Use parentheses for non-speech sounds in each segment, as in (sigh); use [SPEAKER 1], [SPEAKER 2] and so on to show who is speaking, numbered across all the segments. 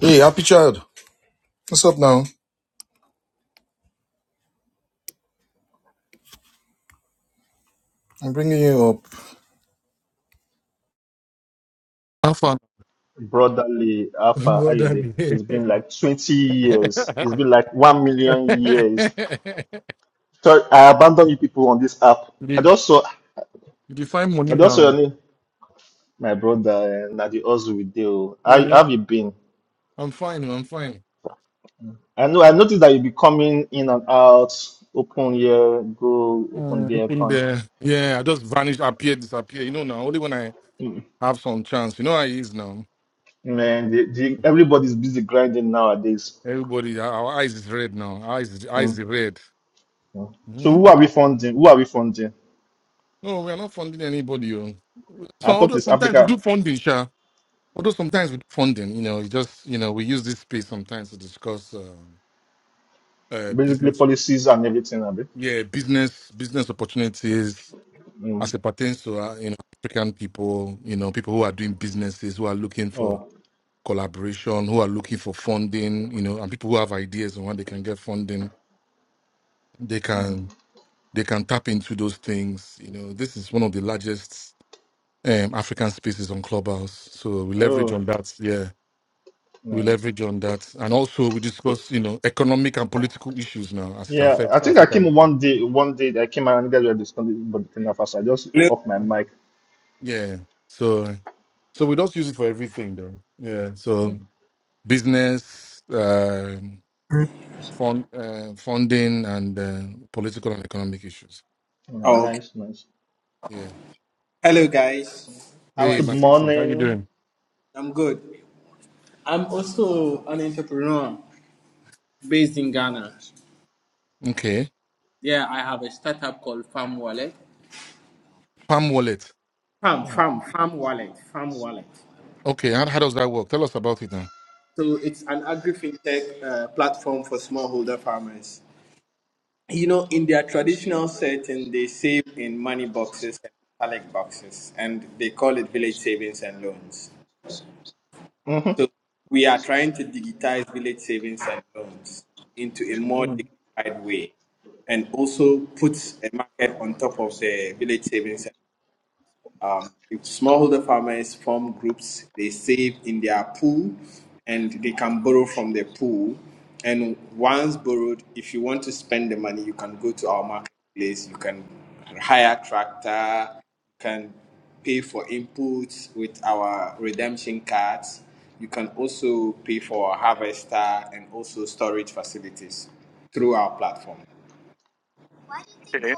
[SPEAKER 1] Hey, happy child. What's up now? I'm bringing you up. How far? (laughs)
[SPEAKER 2] brotherly Alpha, how
[SPEAKER 1] Well
[SPEAKER 2] you doing?
[SPEAKER 1] done. (laughs)
[SPEAKER 2] It's been like 20 years. It's been like 1 million years. Sorry, I abandoned you people on this app. I
[SPEAKER 1] Leave.
[SPEAKER 2] just saw,
[SPEAKER 1] Did you find money
[SPEAKER 2] I just saw your
[SPEAKER 1] now?
[SPEAKER 2] name, my brother, and Nadi Ozu with you. How how
[SPEAKER 1] Mm,
[SPEAKER 2] have you been?
[SPEAKER 1] I'm fine. I'm fine.
[SPEAKER 2] I know, I noticed that you be coming in and out, open here, go, open
[SPEAKER 1] Mm,
[SPEAKER 2] there,
[SPEAKER 1] open
[SPEAKER 2] come.
[SPEAKER 1] there. Yeah, I just vanish, appear, disappear. You know now, only when I
[SPEAKER 2] Mm.
[SPEAKER 1] have some chance. You know how it is now.
[SPEAKER 2] Man, the, the, everybody's busy grinding nowadays.
[SPEAKER 1] Everybody, our our eyes is red now. Our eyes, is-
[SPEAKER 2] Mm,
[SPEAKER 1] eyes is red.
[SPEAKER 2] mm. So
[SPEAKER 1] Mhm.
[SPEAKER 2] who are we funding? Who are we funding?
[SPEAKER 1] No, we are not funding anybody. oh. So
[SPEAKER 2] I thought
[SPEAKER 1] although
[SPEAKER 2] it's
[SPEAKER 1] sometimes we
[SPEAKER 2] Africa,
[SPEAKER 1] do funding, sha. Although sometimes with funding, you know, you just you know we use this space sometimes to discuss uh, uh,
[SPEAKER 2] basically
[SPEAKER 1] business,
[SPEAKER 2] policies and everything. Abi.
[SPEAKER 1] yeah, business business opportunities
[SPEAKER 2] Hmm.
[SPEAKER 1] as it pertains to uh, you know African people, you know, people who are doing businesses, who are looking for
[SPEAKER 2] Oh,
[SPEAKER 1] collaboration, who are looking for funding, you know, and people who have ideas on when they can get funding, they
[SPEAKER 2] mhm.
[SPEAKER 1] can they can tap into those things. You know, this is one of the largest um, African spaces on Clubhouse, so we leverage
[SPEAKER 2] oh,
[SPEAKER 1] on that. Yeah. We
[SPEAKER 2] nice.
[SPEAKER 1] leverage on that. And also we
[SPEAKER 2] So,
[SPEAKER 1] discuss, you know, economic and political issues now as it
[SPEAKER 2] yeah, I
[SPEAKER 1] affects
[SPEAKER 2] think I
[SPEAKER 1] African
[SPEAKER 2] came
[SPEAKER 1] people.
[SPEAKER 2] one day, one day that I came out and you guys were discussing about the thing at first. I just
[SPEAKER 3] Hello.
[SPEAKER 2] off my mic.
[SPEAKER 1] Yeah. So so we don't use it for everything though. Yeah.
[SPEAKER 2] Mm.
[SPEAKER 1] So business, uh, fund, uh, funding, and uh, political and economic issues.
[SPEAKER 2] Oh,
[SPEAKER 3] Oh, okay.
[SPEAKER 2] nice, nice.
[SPEAKER 1] Yeah.
[SPEAKER 3] Hello, guys. How are
[SPEAKER 1] Hey,
[SPEAKER 2] Good
[SPEAKER 3] you?
[SPEAKER 1] Matiti, how you
[SPEAKER 2] morning.
[SPEAKER 1] doing?
[SPEAKER 3] I'm good. I'm also an entrepreneur based in Ghana.
[SPEAKER 1] Okay.
[SPEAKER 3] Yeah, I have a startup called Farm Wallet.
[SPEAKER 1] Palm Wallet.
[SPEAKER 3] Farm,
[SPEAKER 2] Mm-hmm.
[SPEAKER 3] Farm, Farm Wallet, Farm Wallet.
[SPEAKER 1] Okay. How, how does that work? Tell us about it now.
[SPEAKER 3] So it's an agri-fintech uh, platform for smallholder farmers. You know, in their traditional setting, they save in money boxes and metallic boxes, and they call it village savings and loans. So
[SPEAKER 2] Mm-hmm.
[SPEAKER 3] we are trying to digitize village savings and loans into a more
[SPEAKER 2] Mm.
[SPEAKER 3] dignified way and also put a market on top of the village savings. Um, if smallholder farmers form groups, they save in their pool and they can borrow from the pool. And once borrowed, if you want to spend the money, you can go to our marketplace, you can hire tractor, you can pay for inputs with our redemption cards. You can also pay for harvester and also storage facilities through our platform.
[SPEAKER 1] Okay,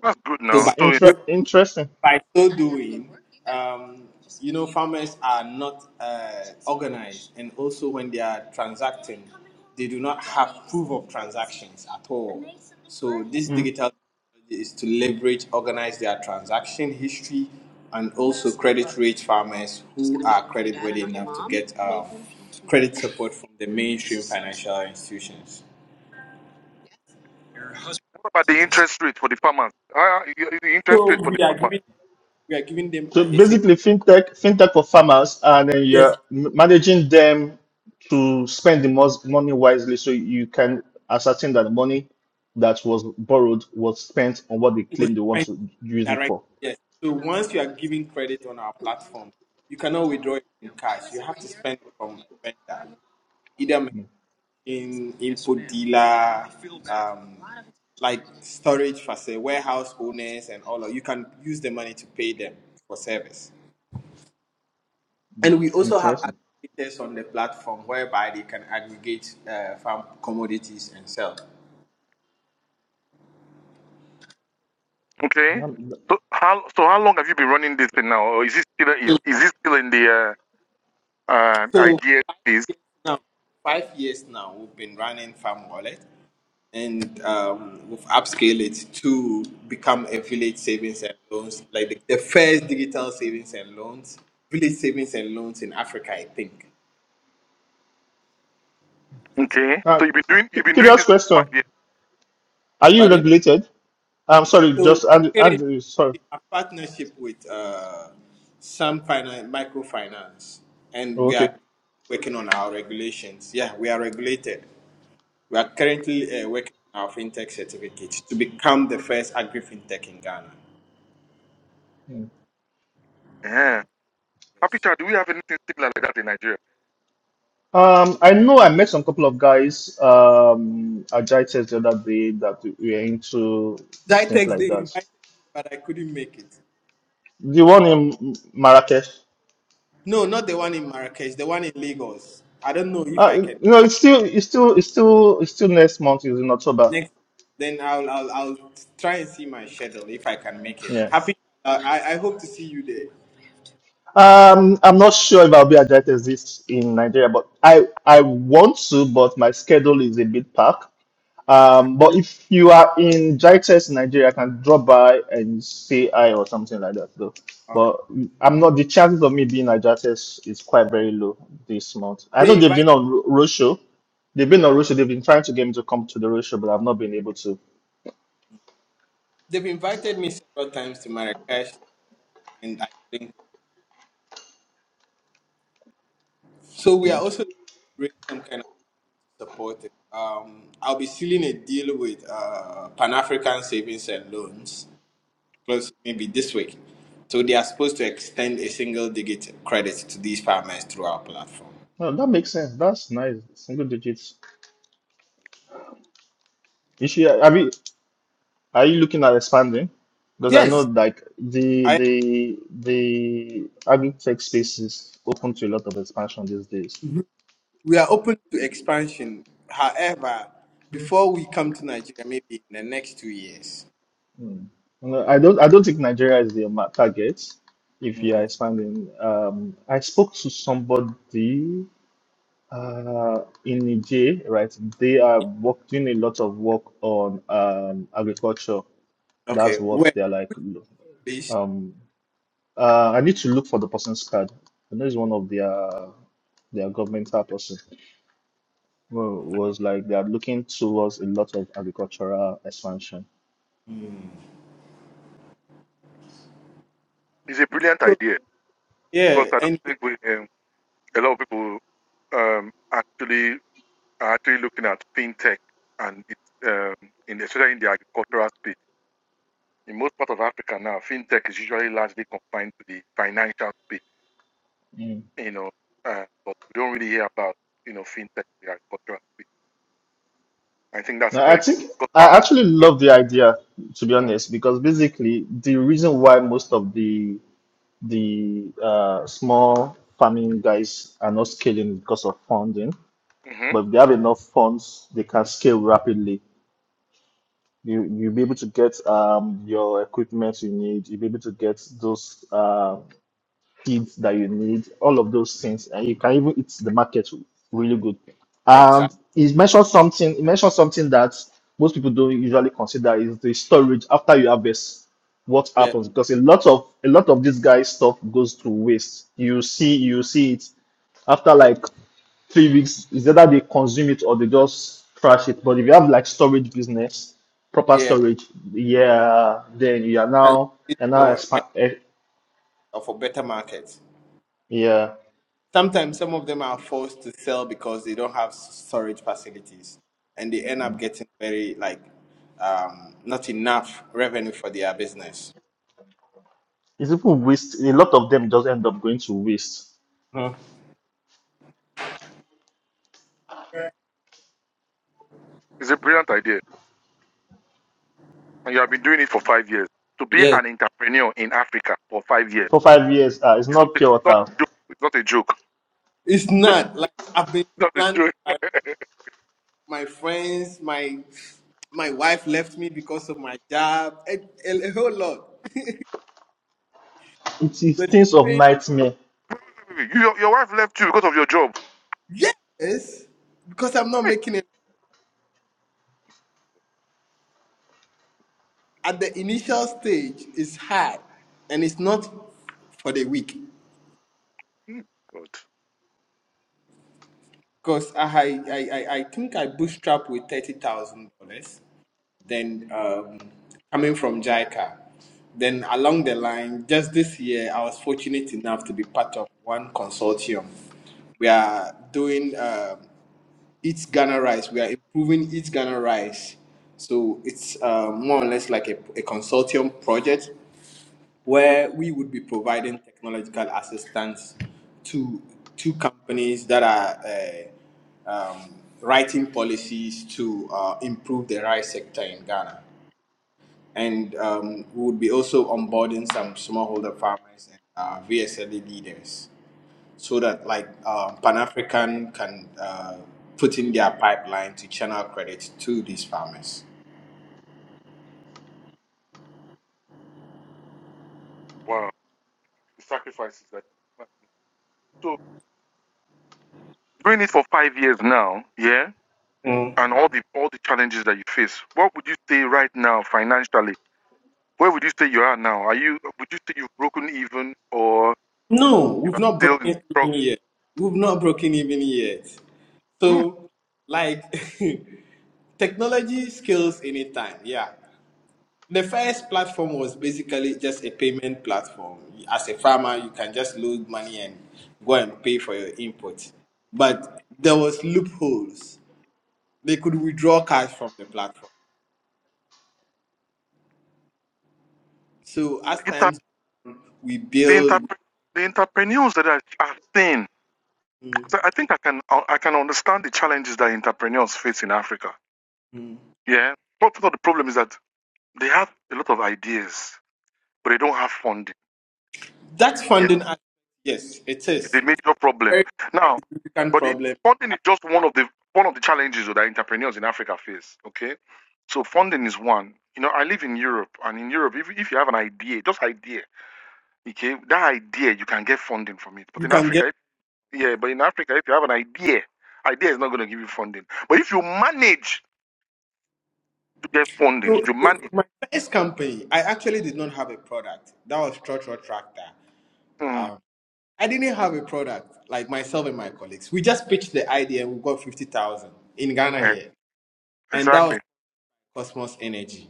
[SPEAKER 1] that's good
[SPEAKER 3] So
[SPEAKER 1] now.
[SPEAKER 3] by
[SPEAKER 1] So in fact,
[SPEAKER 2] Inter-
[SPEAKER 3] so,
[SPEAKER 2] interesting.
[SPEAKER 3] by so doing, um, you know, farmers are not uh, organized, and also when they are transacting, they do not have proof of transactions at all. So this
[SPEAKER 2] Mm.
[SPEAKER 3] digital technology is to leverage, organize their transaction history, and also credit rate farmers who are credit worthy enough to get um, credit support from the mainstream financial institutions.
[SPEAKER 1] what about the interest rate for the farmers? Ah, the interest rate
[SPEAKER 3] So
[SPEAKER 1] for the
[SPEAKER 3] we are
[SPEAKER 1] farmers.
[SPEAKER 3] giving we are giving them
[SPEAKER 2] So
[SPEAKER 3] a, a single.
[SPEAKER 2] basically, fintech, fintech for farmers, and then you're m- managing them to spend the most money wisely, so you can ascertain that the money that was borrowed was spent on what they claim they want to use it
[SPEAKER 3] direct.
[SPEAKER 2] for.
[SPEAKER 3] Yes. So once you are giving credit on our platform, you cannot withdraw it in cash. You have to spend it from a vendor, either
[SPEAKER 2] Mm.
[SPEAKER 3] machine, input dealer, um, like storage facility, warehouse owners, and all. Of, you can use the money to pay them for service. And we also have
[SPEAKER 2] Interesting.
[SPEAKER 3] aggregators on the platform whereby they can aggregate uh, farm commodities and sell.
[SPEAKER 1] Okay.
[SPEAKER 2] Um,
[SPEAKER 1] So how so how long have you been running this thing now? Or is it still is, is it still in the uh, uh
[SPEAKER 3] So
[SPEAKER 1] idea phase?
[SPEAKER 3] five years now, we've been running Farm Wallet. and um, we've upscaled it to become a village savings and loans, like the, the first digital savings and loans, village savings and loans in Africa, I think.
[SPEAKER 1] Okay.
[SPEAKER 2] uh,
[SPEAKER 1] So you've been doing
[SPEAKER 2] cu-
[SPEAKER 1] you've been doing
[SPEAKER 2] curious
[SPEAKER 1] this
[SPEAKER 2] question.
[SPEAKER 1] five years.
[SPEAKER 2] Are you
[SPEAKER 3] Pardon?
[SPEAKER 2] regulated? I'm sorry,
[SPEAKER 3] So
[SPEAKER 2] just Andrew,
[SPEAKER 3] currently
[SPEAKER 2] Andrew sorry.
[SPEAKER 3] we have partnership with uh, some finance, microfinance, and
[SPEAKER 2] Oh,
[SPEAKER 3] we
[SPEAKER 2] okay.
[SPEAKER 3] are working on our regulations. Yeah, we are regulated. We are currently uh, working on our fintech certificate to become the first agri fintech in Ghana.
[SPEAKER 2] Hmm.
[SPEAKER 1] Yeah. Happy
[SPEAKER 3] Yes.
[SPEAKER 1] child, do we have anything similar like that in Nigeria?
[SPEAKER 2] Um, I know I met some couple of guys um at Jai Test the other day that were into things
[SPEAKER 3] Jitex, they
[SPEAKER 2] like that.
[SPEAKER 3] invited me, but I couldn't make it.
[SPEAKER 2] The one in Marrakesh.
[SPEAKER 3] No, not the one in Marrakesh, the one in Lagos. I don't know if I
[SPEAKER 2] Uh,
[SPEAKER 3] can.
[SPEAKER 2] you know, it's still, it's still, it's still, it's still next month. It's in October.
[SPEAKER 3] Next, then I'll I'll, I'll try and see my schedule if I can make it.
[SPEAKER 2] Yeah.
[SPEAKER 3] Happy. Uh, I I hope to see you there.
[SPEAKER 2] Um, I'm not sure if I'll be at Jai Test this in Nigeria, but I, I want to, but my schedule is a bit packed. Um, but if you are in Jaites, Nigeria, I can drop by and say hi or something like that, though.
[SPEAKER 3] Okay.
[SPEAKER 2] But I'm not, the chances of me being at Jaites is quite very low this month. I
[SPEAKER 3] They
[SPEAKER 2] know they've
[SPEAKER 3] invite
[SPEAKER 2] been on ro- roadshow. They've been on roadshow. They've been trying to get me to come to the roadshow, but I've not been able to.
[SPEAKER 3] they've invited me several times to Marrakesh, and I couldn't. go. So we are
[SPEAKER 2] Mm.
[SPEAKER 3] also raise some kind of support. Um, I'll be sealing a deal with uh, Pan African Savings and Loans, close maybe this week. So they are supposed to extend a single digit credit to these farmers through our platform.
[SPEAKER 2] No, that makes sense. That's nice. Single digits. You should, have you, are you looking at expanding? Because I know
[SPEAKER 3] Yes,
[SPEAKER 2] like the
[SPEAKER 3] I
[SPEAKER 2] the the agri tech space is open to a lot of expansion these days.
[SPEAKER 3] Mhm. we are open to expansion. However, before we come to Nigeria, maybe in the next two years.
[SPEAKER 2] Hmm. No, I don't. I don't think Nigeria is the ma- target. If you are
[SPEAKER 3] Mm.
[SPEAKER 2] expanding, um, I spoke to somebody uh, in Niger, right? They are work, doing a lot of work on um, agriculture. That's
[SPEAKER 3] Okay,
[SPEAKER 2] what
[SPEAKER 3] where
[SPEAKER 2] they are like. lo-
[SPEAKER 3] please?
[SPEAKER 2] Um, uh, I need to look for the person's card. I know it's one of their their governmental person. Well, was like they are looking towards a lot of agricultural expansion.
[SPEAKER 1] It's a brilliant idea because
[SPEAKER 3] Yeah,
[SPEAKER 1] I don't
[SPEAKER 3] and
[SPEAKER 1] think we, um, a lot of people um, actually are actually looking at fintech and it's um, in especially in the agricultural space. In most part of Africa now, fintech is usually largely confined to the financial space
[SPEAKER 2] Hmm.
[SPEAKER 1] you know, uh, but we don't really hear about, you know, fintech, in the agricultural space. I think that's a
[SPEAKER 2] No, I
[SPEAKER 1] very good,
[SPEAKER 2] think
[SPEAKER 1] because
[SPEAKER 2] I
[SPEAKER 1] farmers,
[SPEAKER 2] actually love the idea, to be
[SPEAKER 1] mm,
[SPEAKER 2] honest, because basically the reason why most of the the uh, small farming guys are not scaling because of funding,
[SPEAKER 1] mm-hmm.
[SPEAKER 2] but if they have enough funds, they can scale rapidly. You you'll be able to get um your equipment you need. You'll be able to get those uh seeds that you need, all of those things, and you can even eat the market really good. And
[SPEAKER 3] exactly.
[SPEAKER 2] he mentioned something. He mentioned something that most people don't usually consider is the storage after you harvest. What
[SPEAKER 3] Yeah,
[SPEAKER 2] happens? Because a lot of a lot of this guy's stuff goes to waste. You see, you see it after like three weeks. It's either they consume it or they just trash it. But if you have like storage business, proper
[SPEAKER 3] yeah.
[SPEAKER 2] storage, yeah, then you are
[SPEAKER 3] And
[SPEAKER 2] now
[SPEAKER 3] it's
[SPEAKER 2] and now
[SPEAKER 3] for
[SPEAKER 2] expand.
[SPEAKER 3] for better market.
[SPEAKER 2] Yeah.
[SPEAKER 3] Sometimes some of them are forced to sell because they don't have storage facilities, and they end up getting very like um, not enough revenue for their business.
[SPEAKER 2] It's even waste. A lot of them just end up going to waste
[SPEAKER 3] Mhm.
[SPEAKER 1] it's a brilliant idea. And you have been doing it for five years. To be
[SPEAKER 3] Yes,
[SPEAKER 1] an entrepreneur in Africa for five years,
[SPEAKER 2] for five years. Uh, it's
[SPEAKER 1] it's not
[SPEAKER 2] not
[SPEAKER 1] a,
[SPEAKER 2] pure water.
[SPEAKER 1] it's not a joke.
[SPEAKER 3] it's not like I've been
[SPEAKER 1] It's not a joke. It's not a
[SPEAKER 3] slandered.
[SPEAKER 1] joke.
[SPEAKER 3] my friends, my my wife left me because of my job, a, a, a whole lot.
[SPEAKER 2] It
[SPEAKER 3] (laughs)
[SPEAKER 2] is
[SPEAKER 3] But
[SPEAKER 2] things of
[SPEAKER 3] saying,
[SPEAKER 2] nightmare.
[SPEAKER 1] You, your, your wife left you because of your job.
[SPEAKER 3] yes, because I'm not making it at the initial stage. It's hard, and it's not for the weak.
[SPEAKER 1] Mm, God.
[SPEAKER 3] Because I, I, I, I I think I bootstrapped with thirty thousand dollars. Then um, coming from JICA, then along the line, just this year, I was fortunate enough to be part of one consortium. We are doing. um Eat Ghana Rice. We are improving Eat Ghana Rice. So it's uh, more or less like a, a consortium project where we would be providing technological assistance to two companies that are uh, um, writing policies to uh, improve the rice sector in Ghana. And um, we would be also onboarding some smallholder farmers and uh, VSLE leaders so that like um, Pan African can uh, put in their pipeline to channel credit to these farmers.
[SPEAKER 1] Wow. The sacrifices that. So doing it for five years now, yeah,
[SPEAKER 3] Mm.
[SPEAKER 1] and all the all the challenges that you face, what would you say right now financially Where would you say you are now? Are you would you say you've broken even or
[SPEAKER 3] No,
[SPEAKER 1] you
[SPEAKER 3] we've
[SPEAKER 1] are
[SPEAKER 3] not
[SPEAKER 1] still in
[SPEAKER 3] broken
[SPEAKER 1] struggle?
[SPEAKER 3] even yet. We've not broken even yet.
[SPEAKER 1] Hmm,
[SPEAKER 3] So, like, (laughs) technology scales anytime. Yeah. The first platform was basically just a payment platform. As a farmer, you can just load money and go and pay for your input. But there was loopholes. They could withdraw cash from the platform. So
[SPEAKER 1] the
[SPEAKER 3] as
[SPEAKER 1] inter,
[SPEAKER 3] times we
[SPEAKER 1] the inter,
[SPEAKER 3] build,
[SPEAKER 1] the entrepreneurs that I are thin.
[SPEAKER 3] mm,
[SPEAKER 1] I I think I can I can understand the challenges that entrepreneurs face in Africa.
[SPEAKER 3] mm.
[SPEAKER 1] Yeah, but part of the problem is that they have a lot of ideas, but they don't have funding.
[SPEAKER 3] that
[SPEAKER 1] Yeah,
[SPEAKER 3] funding, aspect, yes, it
[SPEAKER 1] it's
[SPEAKER 3] is.
[SPEAKER 1] a
[SPEAKER 3] It's a
[SPEAKER 1] major problem.
[SPEAKER 3] very
[SPEAKER 1] Now,
[SPEAKER 3] significant
[SPEAKER 1] But if
[SPEAKER 3] problem.
[SPEAKER 1] funding is just one of the one of the challenges that entrepreneurs in Africa face. Okay, so funding is one. You know, I live in Europe, and in Europe, if, if you have an idea, just idea, okay, that idea you can get funding from it. But
[SPEAKER 3] You
[SPEAKER 1] in
[SPEAKER 3] can get
[SPEAKER 1] Africa, if, yeah, but in Africa, if you have an idea, idea is not going to give you funding. But if you manage to get funding, if you manage,
[SPEAKER 3] first company. I actually did not have a product. That was Trotro Tractor.
[SPEAKER 1] mm,
[SPEAKER 3] Um, I didn't have a product like myself and my colleagues. We just pitched the idea and we got fifty thousand in Ghana
[SPEAKER 1] yeah,
[SPEAKER 3] here, and that was
[SPEAKER 1] exactly.
[SPEAKER 3] Cosmos Energy.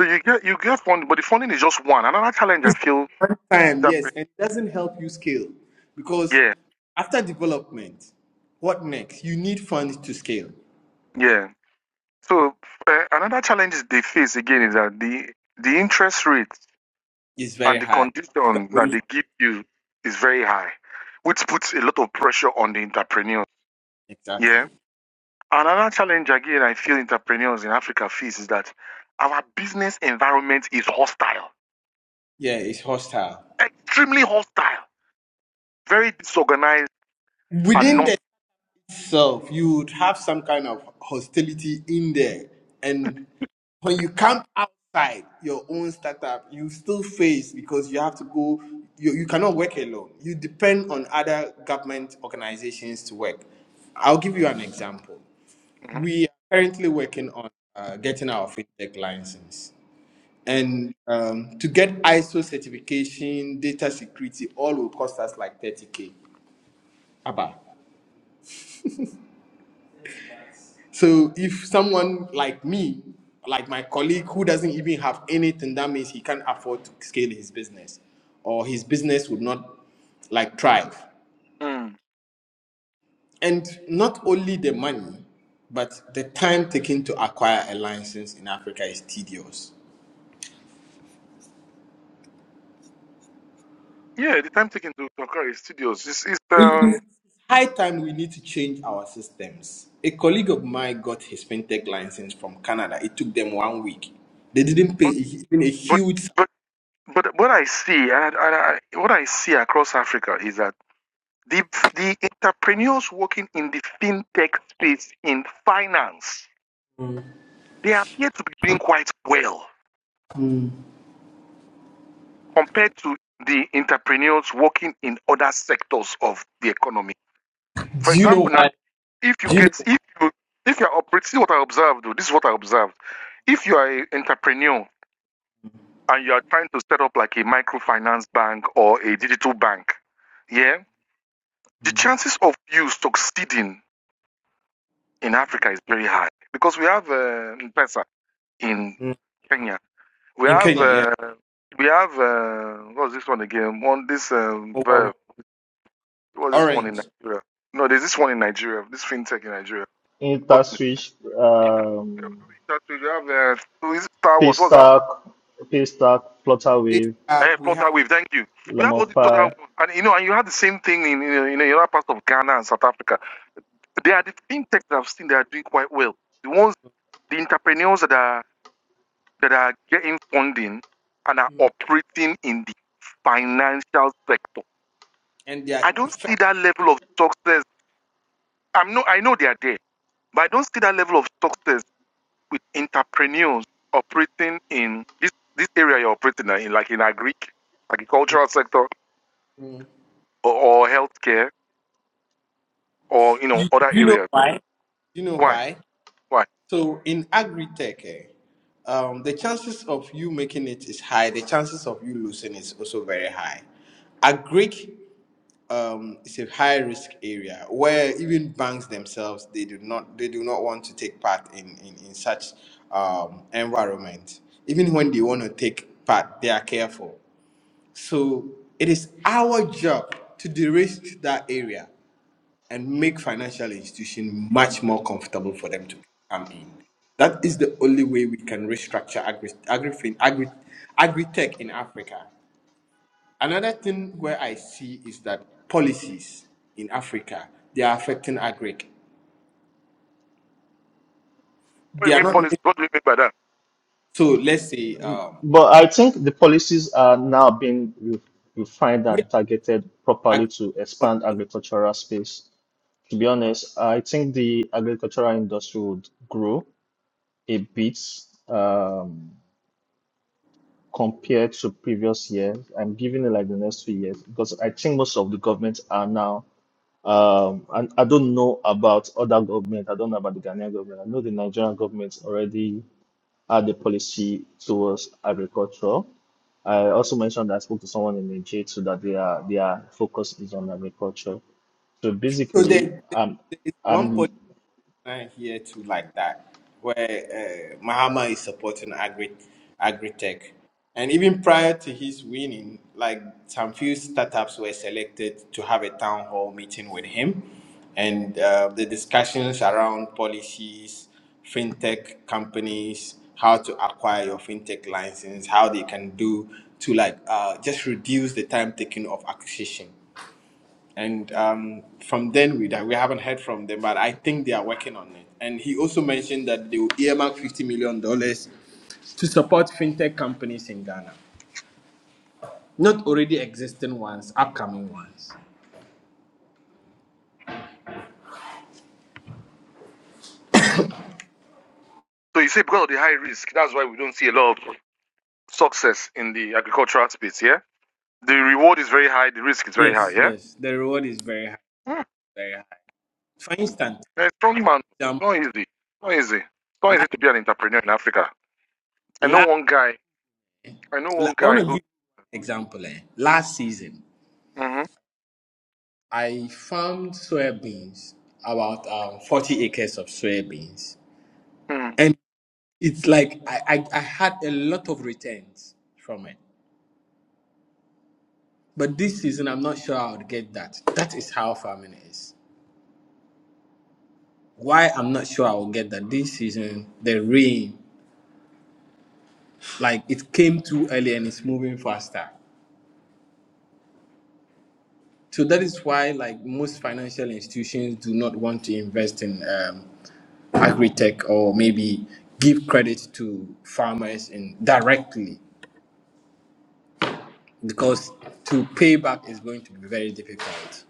[SPEAKER 1] So you get you get funding, but the funding is just one. Another challenge I
[SPEAKER 3] It's just
[SPEAKER 1] feel
[SPEAKER 3] one time,
[SPEAKER 1] that
[SPEAKER 3] yes, and it doesn't help you scale because
[SPEAKER 1] yeah,
[SPEAKER 3] after development, what next? You need funds to scale.
[SPEAKER 1] yeah. So uh, another challenge they face again is that the the interest rate
[SPEAKER 3] It's
[SPEAKER 1] and
[SPEAKER 3] very
[SPEAKER 1] the
[SPEAKER 3] high. You
[SPEAKER 1] condition
[SPEAKER 3] are
[SPEAKER 1] that
[SPEAKER 3] going
[SPEAKER 1] they
[SPEAKER 3] for
[SPEAKER 1] give you is very high, which puts a lot of pressure on the entrepreneur. Yeah.
[SPEAKER 3] exactly.
[SPEAKER 1] Another challenge again I feel entrepreneurs in Africa face is that our business environment is hostile,
[SPEAKER 3] Yeah, it's hostile.
[SPEAKER 1] extremely hostile, very disorganized, and
[SPEAKER 3] Within
[SPEAKER 1] not.
[SPEAKER 3] the self, you would have some kind of hostility in there. And when you come outside your own startup, you still face because you have to go, you, you cannot work alone. You depend on other government organizations to work. I'll give you an example.
[SPEAKER 1] Mhm.
[SPEAKER 3] We are currently working on uh, getting our fintech license.
[SPEAKER 1] mm
[SPEAKER 3] and um, to get ISO certification, data security, all will cost us like 30k. Abba. So if someone like me, like my colleague who doesn't even have anything, that means he can't afford to scale his business, or his business would not like thrive.
[SPEAKER 1] Mm.
[SPEAKER 3] And not only the money, but the time taken to acquire a license in Africa is tedious.
[SPEAKER 1] Yeah, the timetaking to, to occur is studios. is, it's um,
[SPEAKER 3] High time we need to change our systems. A colleague of mine got his fintech license from Canada. It took them one week. They didn't pay
[SPEAKER 1] but
[SPEAKER 3] even a
[SPEAKER 1] but
[SPEAKER 3] huge. sum.
[SPEAKER 1] but but what I see and, I, and I, what I see across Africa is that the the entrepreneurs working in the fintech space in finance they appear to be doing quite well. compared to the entrepreneurs working in other sectors of the economy. For
[SPEAKER 3] Do you know
[SPEAKER 1] example, now
[SPEAKER 3] why?
[SPEAKER 1] if you
[SPEAKER 3] Do you know
[SPEAKER 1] get
[SPEAKER 3] why?
[SPEAKER 1] if you if you're operating, this is what I observed. though, This is what I observed. If you are an entrepreneur and you are trying to set up like a microfinance bank or a digital bank, yeah, the chances of you succeeding in Africa is very high because we have uh, M-Pesa in
[SPEAKER 3] Mm.
[SPEAKER 1] Kenya. We
[SPEAKER 3] in
[SPEAKER 1] have
[SPEAKER 3] Kenya? Yeah,
[SPEAKER 1] uh, we have uh, what's this one again? One this um, There was this one in
[SPEAKER 3] Orange.
[SPEAKER 1] Nigeria. No, there's this one in Nigeria. This fintech in Nigeria. Got it.
[SPEAKER 2] Interswitch, um,
[SPEAKER 1] Intertrade, You have uh, so is it Star Wars. What's that one?
[SPEAKER 2] paystack, paystack, flutterwave,
[SPEAKER 1] Hey,
[SPEAKER 3] Facebook, we have
[SPEAKER 1] Flutterwave. Thank you. We have all these other ones,
[SPEAKER 2] lemonfly.
[SPEAKER 1] and you know, and you have the same thing in in, in other parts of Ghana and South Africa. They are the fintechs that I've seen that are doing quite well. The ones, the entrepreneurs that are that are getting funding and are
[SPEAKER 3] platinum,
[SPEAKER 1] operating in the financial sector.
[SPEAKER 3] and they are
[SPEAKER 1] I don't
[SPEAKER 3] effective.
[SPEAKER 1] see that level of success. I'm no, I know they are there, but I don't see that level of success with entrepreneurs operating in this this area you're operating in, like in agri, agricultural sector,
[SPEAKER 3] mm.
[SPEAKER 1] or, or healthcare, or you know
[SPEAKER 3] You,
[SPEAKER 1] other
[SPEAKER 3] know
[SPEAKER 1] areas.
[SPEAKER 3] why? Do you know
[SPEAKER 1] Why?
[SPEAKER 3] why?
[SPEAKER 1] Why?
[SPEAKER 3] So in agri tech, eh, um, the chances of you making it is high. The chances of you losing is also very high. Agri um, it's a high risk area where even banks themselves they do not they do not want to take part in in, in such um, environment. Even when they want to take part, they are careful. So it is our job to de-risk that area and make financial institution much more comfortable for them to come in. That is the only way we can restructure agri agri agri agri tech in Africa. Another thing where I see is that policies in Africa they are affecting agri.
[SPEAKER 1] What do
[SPEAKER 3] They
[SPEAKER 1] you
[SPEAKER 3] are
[SPEAKER 1] mean
[SPEAKER 3] not
[SPEAKER 1] policy?
[SPEAKER 3] really,
[SPEAKER 1] What do you mean by that?
[SPEAKER 3] so. Let's say um,
[SPEAKER 2] But I think the policies are now being re- refined and targeted properly
[SPEAKER 3] agri.
[SPEAKER 2] to expand agricultural space. To be honest, I think the agricultural industry would grow a bit. Um, compared to previous years. I'm giving it like the next few years because I think most of the governments are now. Um, and I don't know about other government. I don't know about the Ghanaian government. I know the Nigerian government already had a policy towards agriculture. I also mentioned that I spoke to someone in Nigeria too that their their focus is on agriculture. So
[SPEAKER 3] So
[SPEAKER 2] basically,
[SPEAKER 3] there,
[SPEAKER 2] um,
[SPEAKER 3] there is one
[SPEAKER 2] um,
[SPEAKER 3] policy. I here too like that, where uh, Mahama is supporting agri agri-tech. And even prior to his winning, like some few startups were selected to have a town hall meeting with him. And uh, the discussions around policies, fintech companies, how to acquire your fintech license, how they can do to like uh, just reduce the time taken of acquisition and um, from then we that we haven't heard from them, but I think they are working on it. And he also mentioned that they will earmark fifty million dollars to support fintech companies in Ghana, not already existing ones, upcoming ones.
[SPEAKER 1] So you say because of the high risk, that's why we don't see a lot of success in the agricultural space. Yeah, the reward is very high, the risk is very high.
[SPEAKER 3] Yes,
[SPEAKER 1] Yeah,
[SPEAKER 3] yes, the reward is very high,
[SPEAKER 1] Hmm.
[SPEAKER 3] very high. For instance,
[SPEAKER 1] a strong man,
[SPEAKER 3] um,
[SPEAKER 1] not easy, not easy. It's not easy
[SPEAKER 3] like,
[SPEAKER 1] to be an entrepreneur in Africa. I know
[SPEAKER 3] la
[SPEAKER 1] one guy. I know
[SPEAKER 3] la
[SPEAKER 1] one
[SPEAKER 3] I want
[SPEAKER 1] guy
[SPEAKER 3] to give
[SPEAKER 1] who.
[SPEAKER 3] you an example. Eh? Last season,
[SPEAKER 1] Mm-hmm,
[SPEAKER 3] I farmed soybeans, about um, forty acres of soybeans,
[SPEAKER 1] mm-hmm.
[SPEAKER 3] it's like I, I, I had a lot of returns from it. But this season, I'm not sure I would get that. That is how farming is. Why I'm not sure I will get that this season, the rain, like it came too early and it's moving faster. So that is why, like most financial institutions, do not want to invest in um, agri-tech or maybe give credit to farmers in directly because to pay back is going to be very difficult.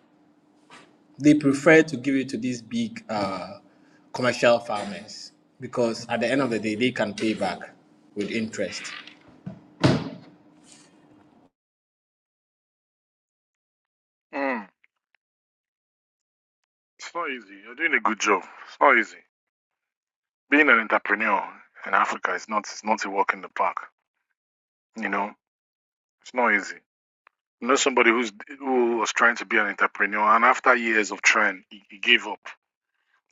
[SPEAKER 3] they prefer to give it to these big uh, commercial farmers because at the end of the day, they can pay back with interest.
[SPEAKER 1] mm. It's not easy. You're doing a good job. It's not easy. Being an entrepreneur in Africa is not it's not a walk in the park. You know, it's not easy. I know somebody who's who was trying to be an entrepreneur, and after years of trying, he, he gave up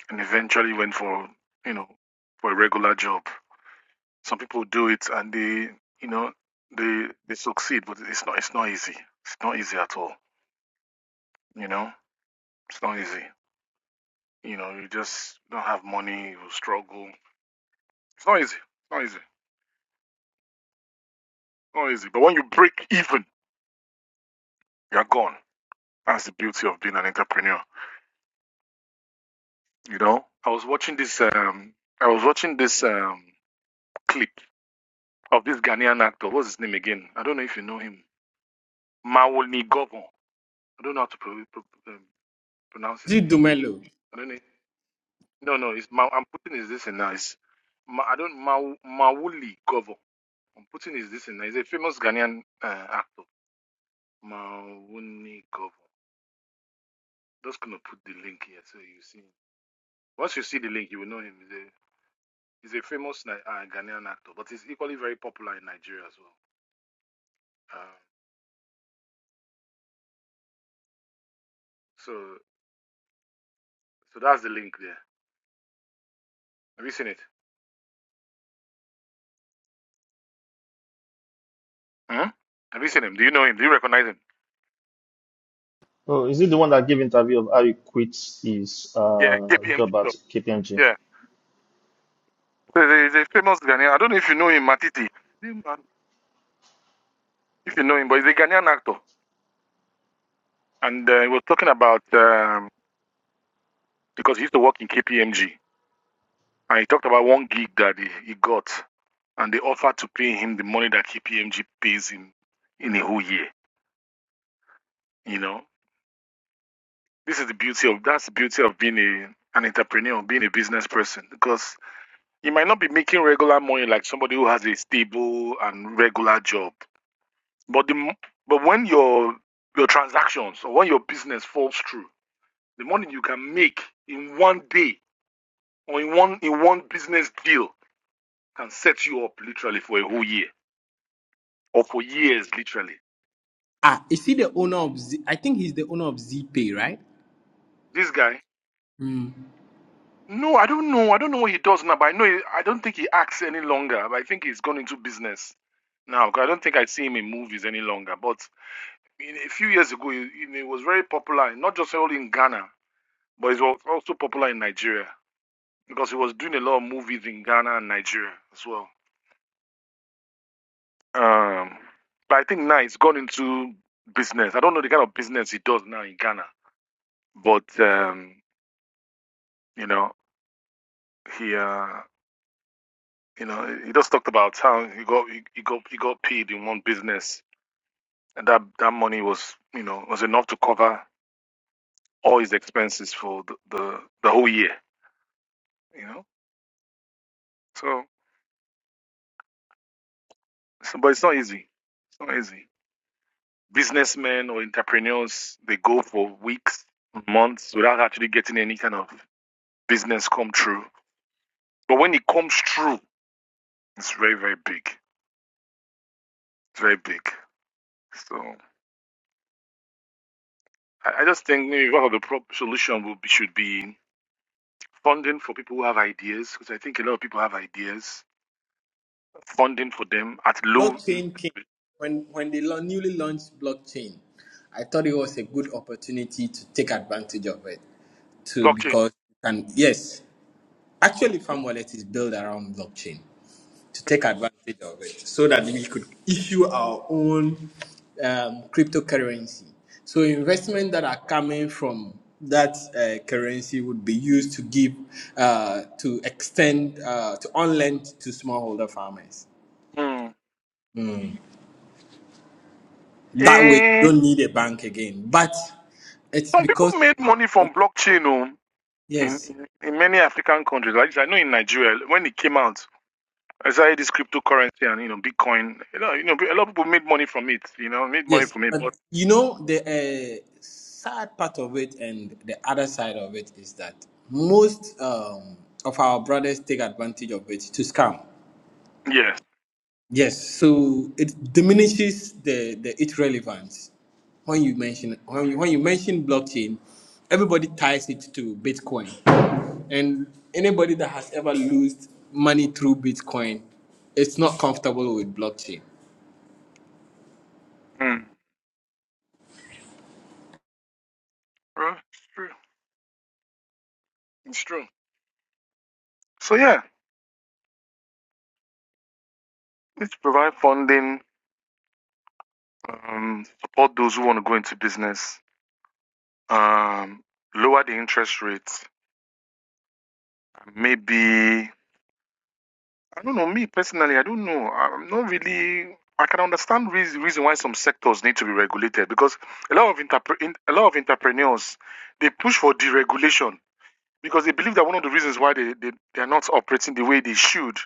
[SPEAKER 1] and eventually went for you know for a regular job. Some people do it and they you know they they succeed, but it's not it's not easy. It's not easy at all. You know, it's not easy. You know, you just don't have money, you struggle. It's not easy. It's not easy. Not easy. But when you break even, you're gone. That's the beauty of being an entrepreneur. You know, I was watching this. Um, I was watching this um clip of this Ghanaian actor. What's his name again? I don't know if you know him. Mawoni Gobon. I don't know how to pro- pro- um, pronounce
[SPEAKER 3] Is
[SPEAKER 1] his
[SPEAKER 3] it
[SPEAKER 1] name.
[SPEAKER 3] Dumelo?
[SPEAKER 1] I don't know. No, no. It's Ma- I'm putting his this in now. It's Ma- I don't Ma- Mawuli Gobon. I'm putting his this in now. He's a famous Ghanaian uh, actor. Mawoni Gobon. Just gonna put the link here so you see. Once you see the link, you will know him. He's a He's a famous uh, Ghanaian actor, but he's equally very popular in Nigeria as well. Um, so, so that's the link there. Have you seen it? Hmm? Have you seen him? Do you know him? Do you recognize him?
[SPEAKER 2] oh, is it the one that gave interview of how he quit his
[SPEAKER 1] Yeah,
[SPEAKER 2] uh
[SPEAKER 1] KPMG.
[SPEAKER 2] job at
[SPEAKER 1] stuff.
[SPEAKER 2] KPMG?
[SPEAKER 1] Yeah, so he's a famous Ghanaian. I don't know if you know him, Matiti. If you know him, but he's a Ghanaian actor, and uh, he was talking about um, because he used to work in KPMG, and he talked about one gig that he, he got, and they offered to pay him the money that KPMG pays him in a whole year. You know, This is the beauty of that's the beauty of being a an entrepreneur, being a business person, because you might not be making regular money like somebody who has a stable and regular job. But the but when your your transactions or when your business falls through, the money you can make in one day or in one in one business deal can set you up literally for a whole year or for years literally.
[SPEAKER 3] Ah, is he the owner of? Z- I think he's the owner of ZPay, right?
[SPEAKER 1] This guy No, I don't know. I don't know what he does now, but I know he, I don't think he acts any longer. But I think he's gone into business now. 'cause I don't think I see him in movies any longer. But in, a few years ago, he, he was very popular, not just only in Ghana, but he was also popular in Nigeria because he was doing a lot of movies in Ghana and Nigeria as well. Um, but I think now he's gone into business. I don't know the kind of business he does now in Ghana, but um, you know, he. Uh, You know, he just talked about how he got he, he got he got paid in one business, and that that money was you know was enough to cover all his expenses for the the, the whole year. You know, so, so but it's not easy. It's not easy. Businessmen or entrepreneurs they go for weeks, months without actually getting any kind of business come true. But when it comes true, it's very very big. It's very big. So I, I just think maybe one of the pro- solution would be, should be funding for people who have ideas, because I think a lot of people have ideas, funding for them at low in
[SPEAKER 3] Blockchain came when when they lau- newly launched blockchain. I thought it was a good opportunity to take advantage of it too,
[SPEAKER 1] blockchain.
[SPEAKER 3] because you can yes, actually, farm wallet is built around blockchain. to take advantage of it so that we could issue our own um, cryptocurrency. So investment that are coming from that uh, currency would be used to give uh, to extend uh, to unlend to smallholder farmers.
[SPEAKER 1] Hmm.
[SPEAKER 3] That way, you
[SPEAKER 1] Eh,
[SPEAKER 3] don't need a bank again. But it's
[SPEAKER 1] some people
[SPEAKER 3] because
[SPEAKER 1] made money from blockchain oh, in,
[SPEAKER 3] yes.
[SPEAKER 1] in, in many African countries. Like I know in Nigeria, when it came out, as I started this cryptocurrency and you know Bitcoin. You know, you know, a lot of people made money from it. You know, made money
[SPEAKER 3] Yes,
[SPEAKER 1] from it.
[SPEAKER 3] but
[SPEAKER 1] But
[SPEAKER 3] you know the uh, sad part of it and the other side of it is that most um, of our brothers take advantage of it to scam.
[SPEAKER 1] yes,
[SPEAKER 3] Yes, so it diminishes the, the its relevance when you mention when you, when you mention blockchain, everybody ties it to Bitcoin, and anybody that has ever lost money through Bitcoin, it's not comfortable with blockchain.
[SPEAKER 1] Hmm. Well, it's true. It's true. So yeah, let's provide funding, um, support those who want to go into business, um, lower the interest rates Maybe I don't know. Me personally, I don't know. I'm not really. I can understand reas reason why some sectors need to be regulated because a lot of interpre- in- a lot of entrepreneurs they push for deregulation because they believe that one of the reasons why they, they, they are not operating the way they should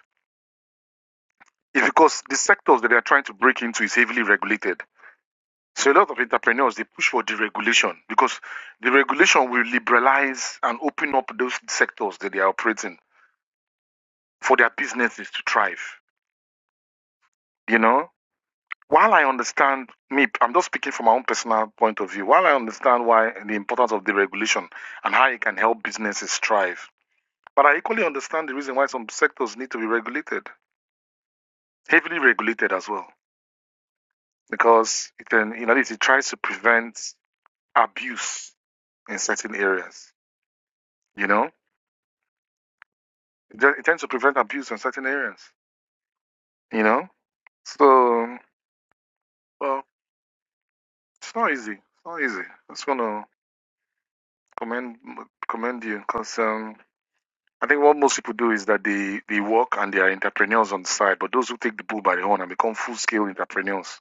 [SPEAKER 1] is because the sectors that they are trying to break into is heavily regulated. So a lot of entrepreneurs they push for deregulation because the regulation will liberalize and open up those sectors that they are operating for their businesses to thrive. You know. while I understand me, I'm just speaking from my own personal point of view. While I understand why the importance of the regulation and how it can help businesses thrive, but I equally understand the reason why some sectors need to be regulated, heavily regulated as well, because it can, you know, it tries to prevent abuse in certain areas. You know, it it tends to prevent abuse in certain areas. You know, so well, it's not easy. It's not easy. I just want to commend commend you because um, I think what most people do is that they, they work and they are entrepreneurs on the side, but those who take the bull by the horn and become full scale entrepreneurs,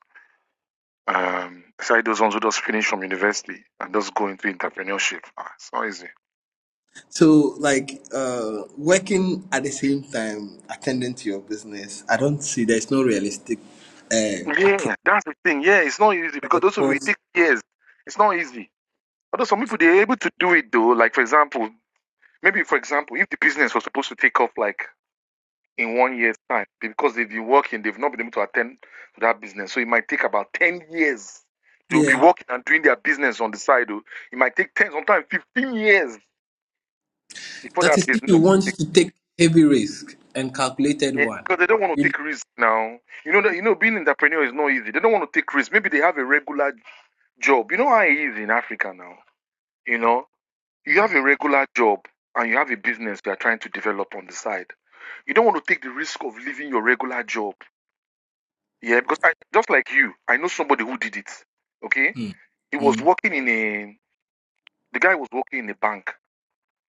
[SPEAKER 1] um, aside those ones who just finish from university and just go into entrepreneurship, ah, it's not easy.
[SPEAKER 3] So, like uh, working at the same time, attending to your business, I don't see there's no realistic uh, approach.
[SPEAKER 1] Yeah, that's the thing. Yeah, it's not easy because
[SPEAKER 3] there,
[SPEAKER 1] those people it
[SPEAKER 3] Because
[SPEAKER 1] take years. It's not easy. Although some people they're able to do it though. Like for example, maybe for example, if the business was supposed to take off like in one year's time because they've been working, they've not been able to attend to that business. So it might take about 10 years. They'll be
[SPEAKER 3] yeah,
[SPEAKER 1] working and doing their business on the side. oh. It might take 10, sometimes 15 years before
[SPEAKER 3] that
[SPEAKER 1] that
[SPEAKER 3] is if
[SPEAKER 1] business
[SPEAKER 3] you
[SPEAKER 1] will
[SPEAKER 3] want to take heavy risk and calculated one.
[SPEAKER 1] Because they don't want to
[SPEAKER 3] You-
[SPEAKER 1] take risks now. You know that you know being an entrepreneur is not easy. They don't want to take risks. Maybe they have a regular job. You know how it is in Africa now. You know, you have a regular job and you have a business you are trying to develop on the side. You don't want to take the risk of leaving your regular job Yeah, because I just like you, I know somebody who did it. Okay,
[SPEAKER 3] Hmm.
[SPEAKER 1] he was
[SPEAKER 3] Hmm,
[SPEAKER 1] working in a the guy was working in a bank.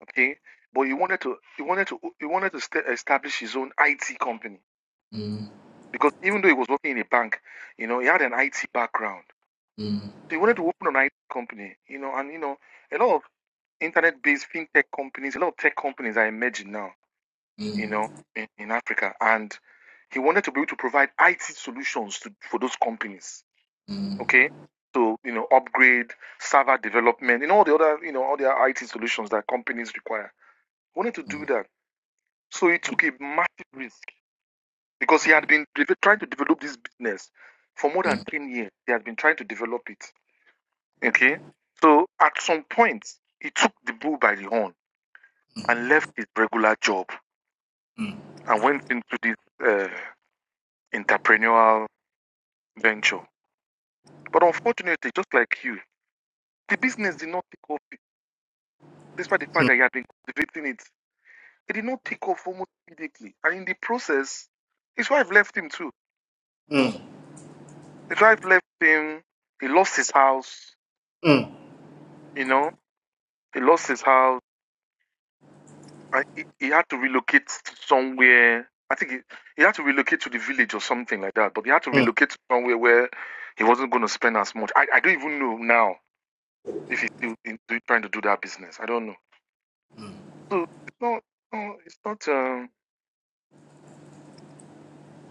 [SPEAKER 1] Okay, but he wanted to he wanted to he wanted to sta establish his own IT company
[SPEAKER 3] hmm,
[SPEAKER 1] because even though he was working in a bank, you know, he had an IT background.
[SPEAKER 3] hmm,
[SPEAKER 1] So he wanted to open an IT company, you know, and you know, a lot of internet-based fintech companies, a lot of tech companies are emerging now, you
[SPEAKER 3] hmm,
[SPEAKER 1] know, in, in Africa, and he wanted to be able to provide IT solutions to, for those companies
[SPEAKER 3] hmm,
[SPEAKER 1] okay, to you know upgrade server development and all the other you know all the IT solutions that companies require. He wanted to do that, so he took a massive risk because he had been trying to develop this business for more
[SPEAKER 3] hmm.
[SPEAKER 1] than ten years. He had been trying to develop it, okay. So at some point, he took the bull by the horn and left his regular job and went into this uh, entrepreneurial venture. But unfortunately, just like you, the business did not take off despite the fact that he had been cultivating it He did not take off almost immediately. And in the process, his wife left him too. His wife left him. He lost his house, you know, he lost his house. I, he, he had to relocate somewhere. I think he, he had to relocate to the village or something like that. But he had to relocate to somewhere where he wasn't going to spend as much. I, I don't even know now if he's still in, trying to do that business. I don't know. So it's not, no, it's not, um,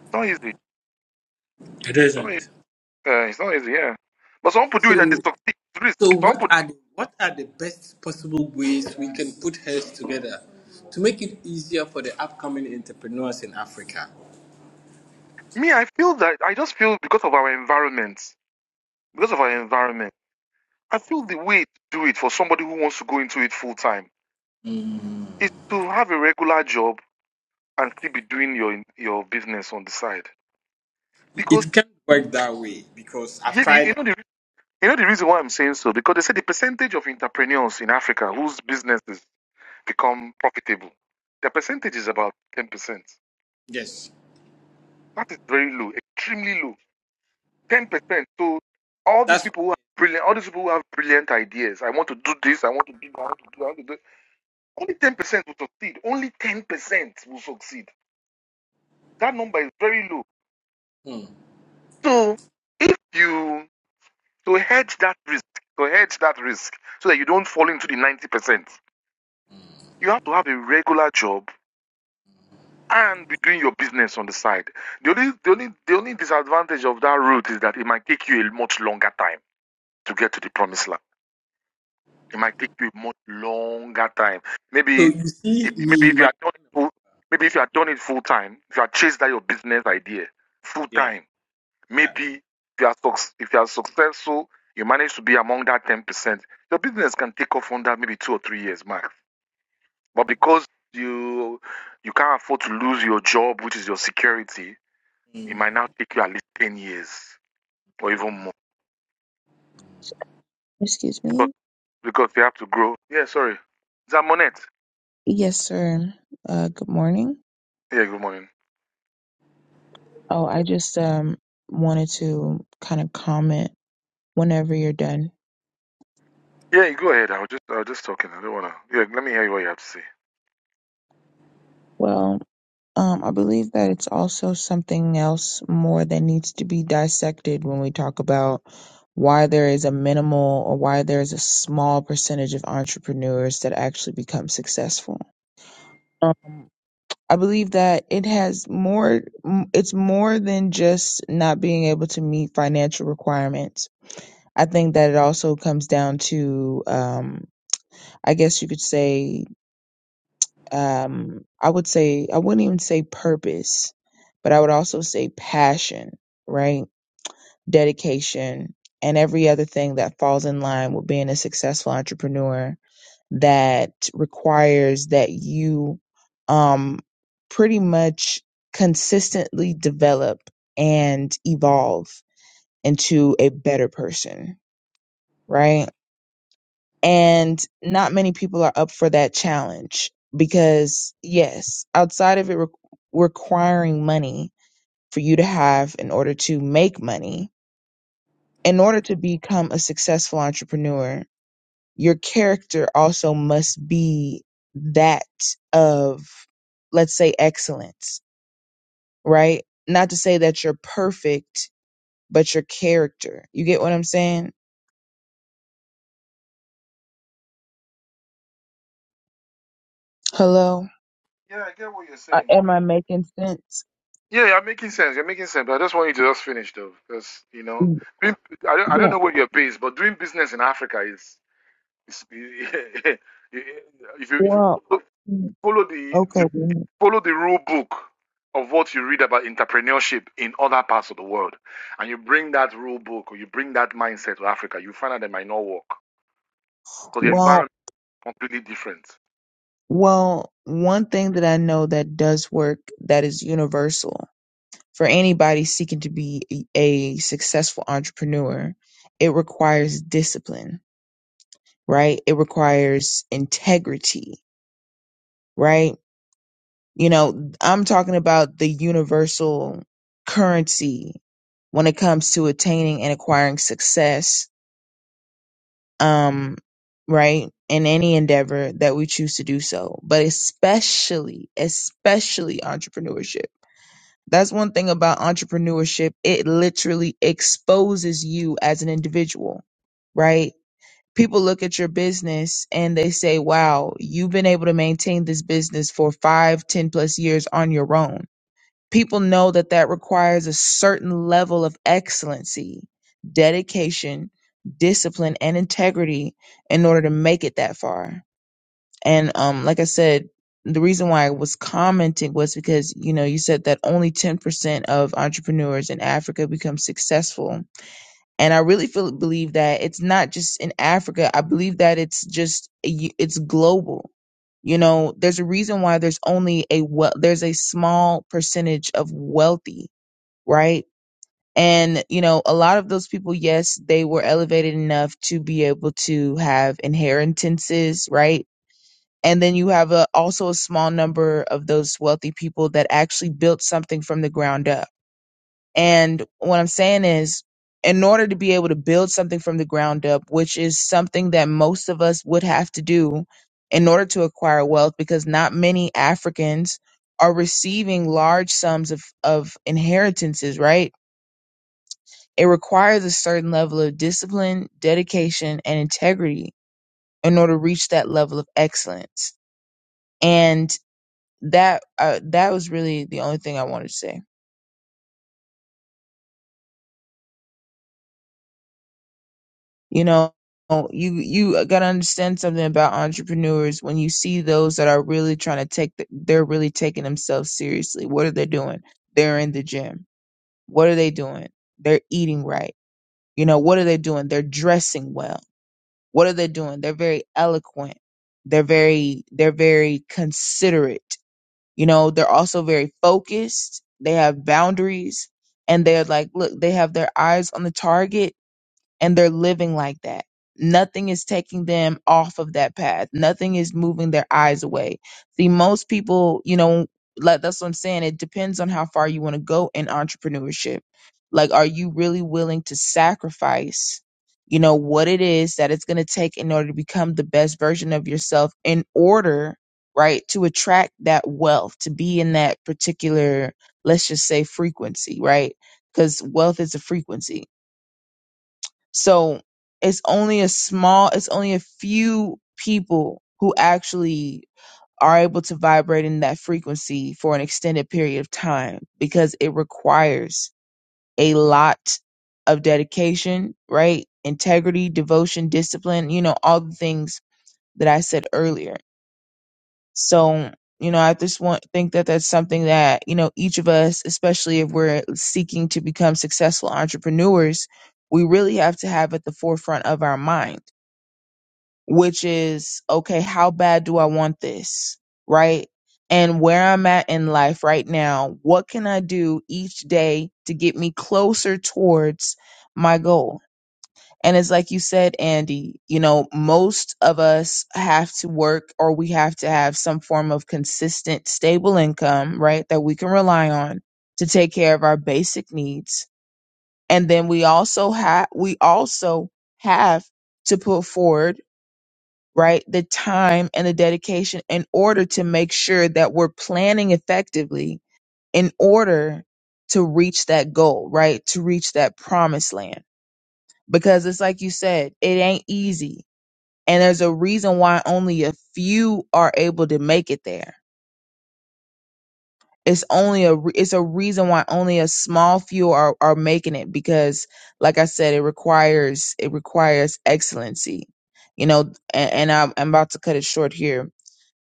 [SPEAKER 1] it's not easy.
[SPEAKER 3] It
[SPEAKER 1] It's not, e-
[SPEAKER 3] isn't.
[SPEAKER 1] uh, it's not easy, yeah. But some people do it and they
[SPEAKER 3] So,
[SPEAKER 1] succeed. It's
[SPEAKER 3] so
[SPEAKER 1] risk. Some
[SPEAKER 3] what
[SPEAKER 1] people do
[SPEAKER 3] are the what are the best possible ways we can put heads together to make it easier for the upcoming entrepreneurs in Africa?
[SPEAKER 1] Me, I feel that I just feel because of our environment, because of our environment, I feel the way to do it for somebody who wants to go into it full time is to have a regular job and still be doing your your business on the side. Because
[SPEAKER 3] it can not work that way because I've
[SPEAKER 1] yeah, the- you
[SPEAKER 3] tried.
[SPEAKER 1] know the you know the reason why I'm saying so because they say the percentage of entrepreneurs in Africa whose businesses become profitable, the percentage is about ten percent.
[SPEAKER 3] Yes,
[SPEAKER 1] That is very low, extremely low 10%. So all these
[SPEAKER 3] that's
[SPEAKER 1] people
[SPEAKER 3] why.
[SPEAKER 1] who have brilliant, all these people who have brilliant ideas, I want to do this, I want to do that, I want to do that, I want to do Only 10% will succeed. Only 10% will succeed. That number is very low.
[SPEAKER 3] Hmm.
[SPEAKER 1] So if you, to hedge that risk, to hedge that risk so that you don't fall into the 90%, you have to have a regular job and be doing your business on the side. The only, the only, the only disadvantage of that route is that it might take you a much longer time to get to the promised land. It might take you a much longer time. Maybe
[SPEAKER 3] So you
[SPEAKER 1] if
[SPEAKER 3] see
[SPEAKER 1] maybe
[SPEAKER 3] me,
[SPEAKER 1] if you
[SPEAKER 3] my
[SPEAKER 1] are done full, maybe if you are done it full time, if you are chased that your business idea full
[SPEAKER 3] yeah,
[SPEAKER 1] time,
[SPEAKER 3] yeah,
[SPEAKER 1] maybe if you are if you are successful, you manage to be among that ten percent. Your business can take off on that maybe two or three years max. But because you you can't afford to lose your job, which is your security, it might now take you at least ten years or even more
[SPEAKER 4] Excuse
[SPEAKER 1] because
[SPEAKER 4] me.
[SPEAKER 1] because you have to grow. Yeah, sorry. Zamonet.
[SPEAKER 4] Yes, sir. Uh, good morning.
[SPEAKER 1] Yeah, good morning.
[SPEAKER 4] Oh, I just um wanted to kind of comment whenever you're done.
[SPEAKER 1] Yeah, you go ahead. I was just I was just talking. I don't wanna. Yeah, let me hear what you have to say.
[SPEAKER 4] Well, um, I believe that it's also something else more that needs to be dissected when we talk about why there is a minimal or why there is a small percentage of entrepreneurs that actually become successful. Um, I believe that it has more. m- It's more than just not being able to meet financial requirements I think that it also comes down to, um, I guess you could say, um, I would say, I wouldn't even say purpose, but I would also say passion, right? Dedication and every other thing that falls in line with being a successful entrepreneur that requires that you, um, pretty much consistently develop and evolve into a better person, right? And not many people are up for that challenge because, yes, outside of it re- requiring money for you to have in order to make money, in order to become a successful entrepreneur, your character also must be that of, let's say, excellence, right? Not to say that you're perfect, but your character. You get what I'm saying? Hello?
[SPEAKER 1] Yeah, I get what you're
[SPEAKER 4] Uh,
[SPEAKER 1] saying.
[SPEAKER 4] am I making sense?
[SPEAKER 1] Yeah, you're making sense. You're making sense. But I just want you to just finish though, because you know,
[SPEAKER 4] Mm,
[SPEAKER 1] doing, I don't I don't
[SPEAKER 4] Yeah.
[SPEAKER 1] know where you're based, but doing business in Africa is, is (laughs) if you if
[SPEAKER 4] Well,
[SPEAKER 1] you follow the
[SPEAKER 4] Okay.
[SPEAKER 1] you
[SPEAKER 4] then.
[SPEAKER 1] follow the rule book of what you read about entrepreneurship in other parts of the world, and you bring that rule book or you bring that mindset to Africa, you find out they might not work because the environment.
[SPEAKER 4] Well,
[SPEAKER 1] completely different.
[SPEAKER 4] well, one thing that I know that does work that is universal for anybody seeking to be a a successful entrepreneur, it requires discipline, right? It requires integrity, right? You know, I'm talking about the universal currency when it comes to attaining and acquiring success um, right? In any endeavor that we choose to do so, but especially, especially entrepreneurship. That's one thing about entrepreneurship. It literally exposes you as an individual, right? People look at your business and they say, wow, you've been able to maintain this business for five, ten plus years on your own people know that that requires a certain level of excellency, dedication, discipline, and integrity in order to make it that far. And um, like I said, the reason why I was commenting was because you know you said that only ten percent of entrepreneurs in Africa become successful and I really feel believe that it's not just in Africa. I believe that it's just it's global. You know, there's a reason why there's only a well, there's a small percentage of wealthy, right? And you know, a lot of those people, yes, they were elevated enough to be able to have inheritances, right? And then you have a, also a small number of those wealthy people that actually built something from the ground up and what I'm saying is, in order to be able to build something from the ground up, which is something that most of us would have to do in order to acquire wealth, because not many Africans are receiving large sums of, of inheritances, right? It requires a certain level of discipline, dedication, and integrity in order to reach that level of excellence. And that uh, that was really the only thing I wanted to say. You know, you you got to understand something about entrepreneurs when you see those that are really trying to take the, they're really taking themselves seriously. What are they doing? They're in the gym. What are they doing? They're eating right. You know, what are they doing? They're dressing well. What are they doing? They're very eloquent. They're very they're very considerate. You know, they're also very focused. They have boundaries and they're like, look, they have their eyes on the target and they're living like that. Nothing is taking them off of that path. Nothing is moving their eyes away. See, most people, you know, like that's what I'm saying. It depends on how far you want to go in entrepreneurship. Like, are you really willing to sacrifice, you know, what it is that it's going to take in order to become the best version of yourself in order, right, to attract that wealth, to be in that particular, let's just say frequency, right? Because wealth is a frequency so it's only a small, it's only a few people who actually are able to vibrate in that frequency for an extended period of time because it requires a lot of dedication, right? Integrity, devotion, discipline, you know, all the things that I said earlier. So, you know, I just want think that that's something that, you know, each of us, especially if we're seeking to become successful entrepreneurs, we really have to have at the forefront of our mind, which is, okay, how bad do I want this? Right? And where I'm at in life right now, what can I do each day to get me closer towards my goal? And it's like you said, Andy, you know, most of us have to work or we have to have some form of consistent, stable income, right, that we can rely on to take care of our basic needs. And then we also have, we also have to put forward, right, the time and the dedication in order to make sure that we're planning effectively in order to reach that goal, right, to reach that promised land. Because it's like you said, it ain't easy and there's a reason why only a few are able to make it there it's only a re- it's a reason why only a small few are are making it because like i said it requires it requires excellency you know and, and I'm, I'm about to cut it short here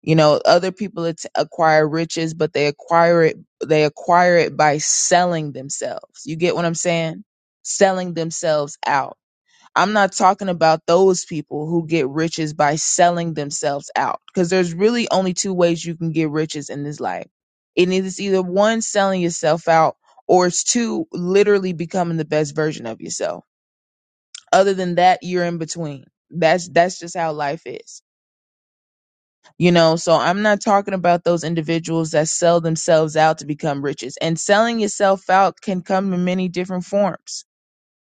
[SPEAKER 4] you know other people att- acquire riches but they acquire it they acquire it by selling themselves you get what i'm saying selling themselves out I'm not talking about those people who get riches by selling themselves out because there's really only two ways you can get riches in this life. It is either one, selling yourself out, or it's two, literally becoming the best version of yourself. Other than that, you're in between. That's that's just how life is. You know, so I'm not talking about those individuals that sell themselves out to become riches. And selling yourself out can come in many different forms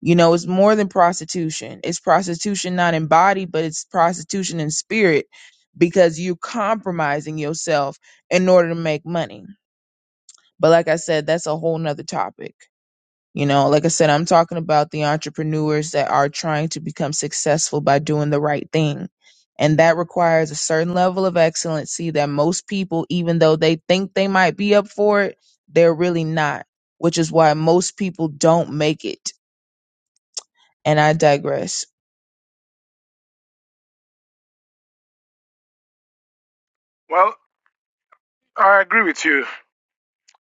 [SPEAKER 4] you know, it's more than prostitution. It's prostitution not in body, but it's prostitution in spirit because you're compromising yourself in order to make money. But like I said, that's a whole nother topic. You know, like I said, I'm talking about the entrepreneurs that are trying to become successful by doing the right thing. And that requires a certain level of excellency that most people, even though they think they might be up for it, they're really not, which is why most people don't make it. And I digress.
[SPEAKER 1] Well, I agree with you.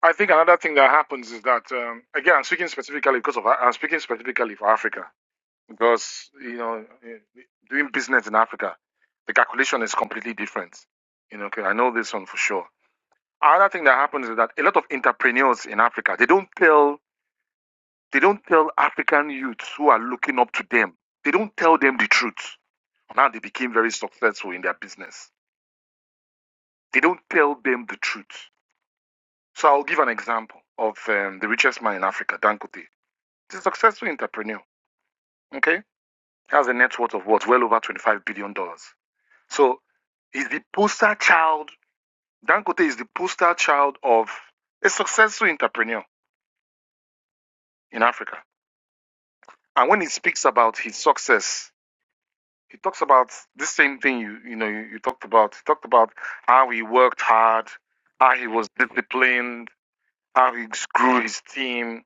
[SPEAKER 1] I think another thing that happens is that um, again, I'm speaking specifically because of I'm speaking specifically for Africa because you know eh, doing business in Africa, the calculation is completely different. You know, okay, I know this one for sure. Another thing that happens is that a lot of entrepreneurs in Africa they don't tell They don't tell African youths who are looking up to them, they don't tell them the truth on how they became very successful in their business. They don't tell them the truth. So I'll give an example of um, the richest man in Africa, Dangote. He's a successful entrepreneur. Okay, he has a net worth of what well over twenty-five billion dollars. So he's the poster child. Dangote is the poster child of a successful entrepreneur in Africa. And when he speaks about his success, he talks about this same thing you you know you, you talked about. He talked about how he worked hard, how he was disciplined, how he grew his team.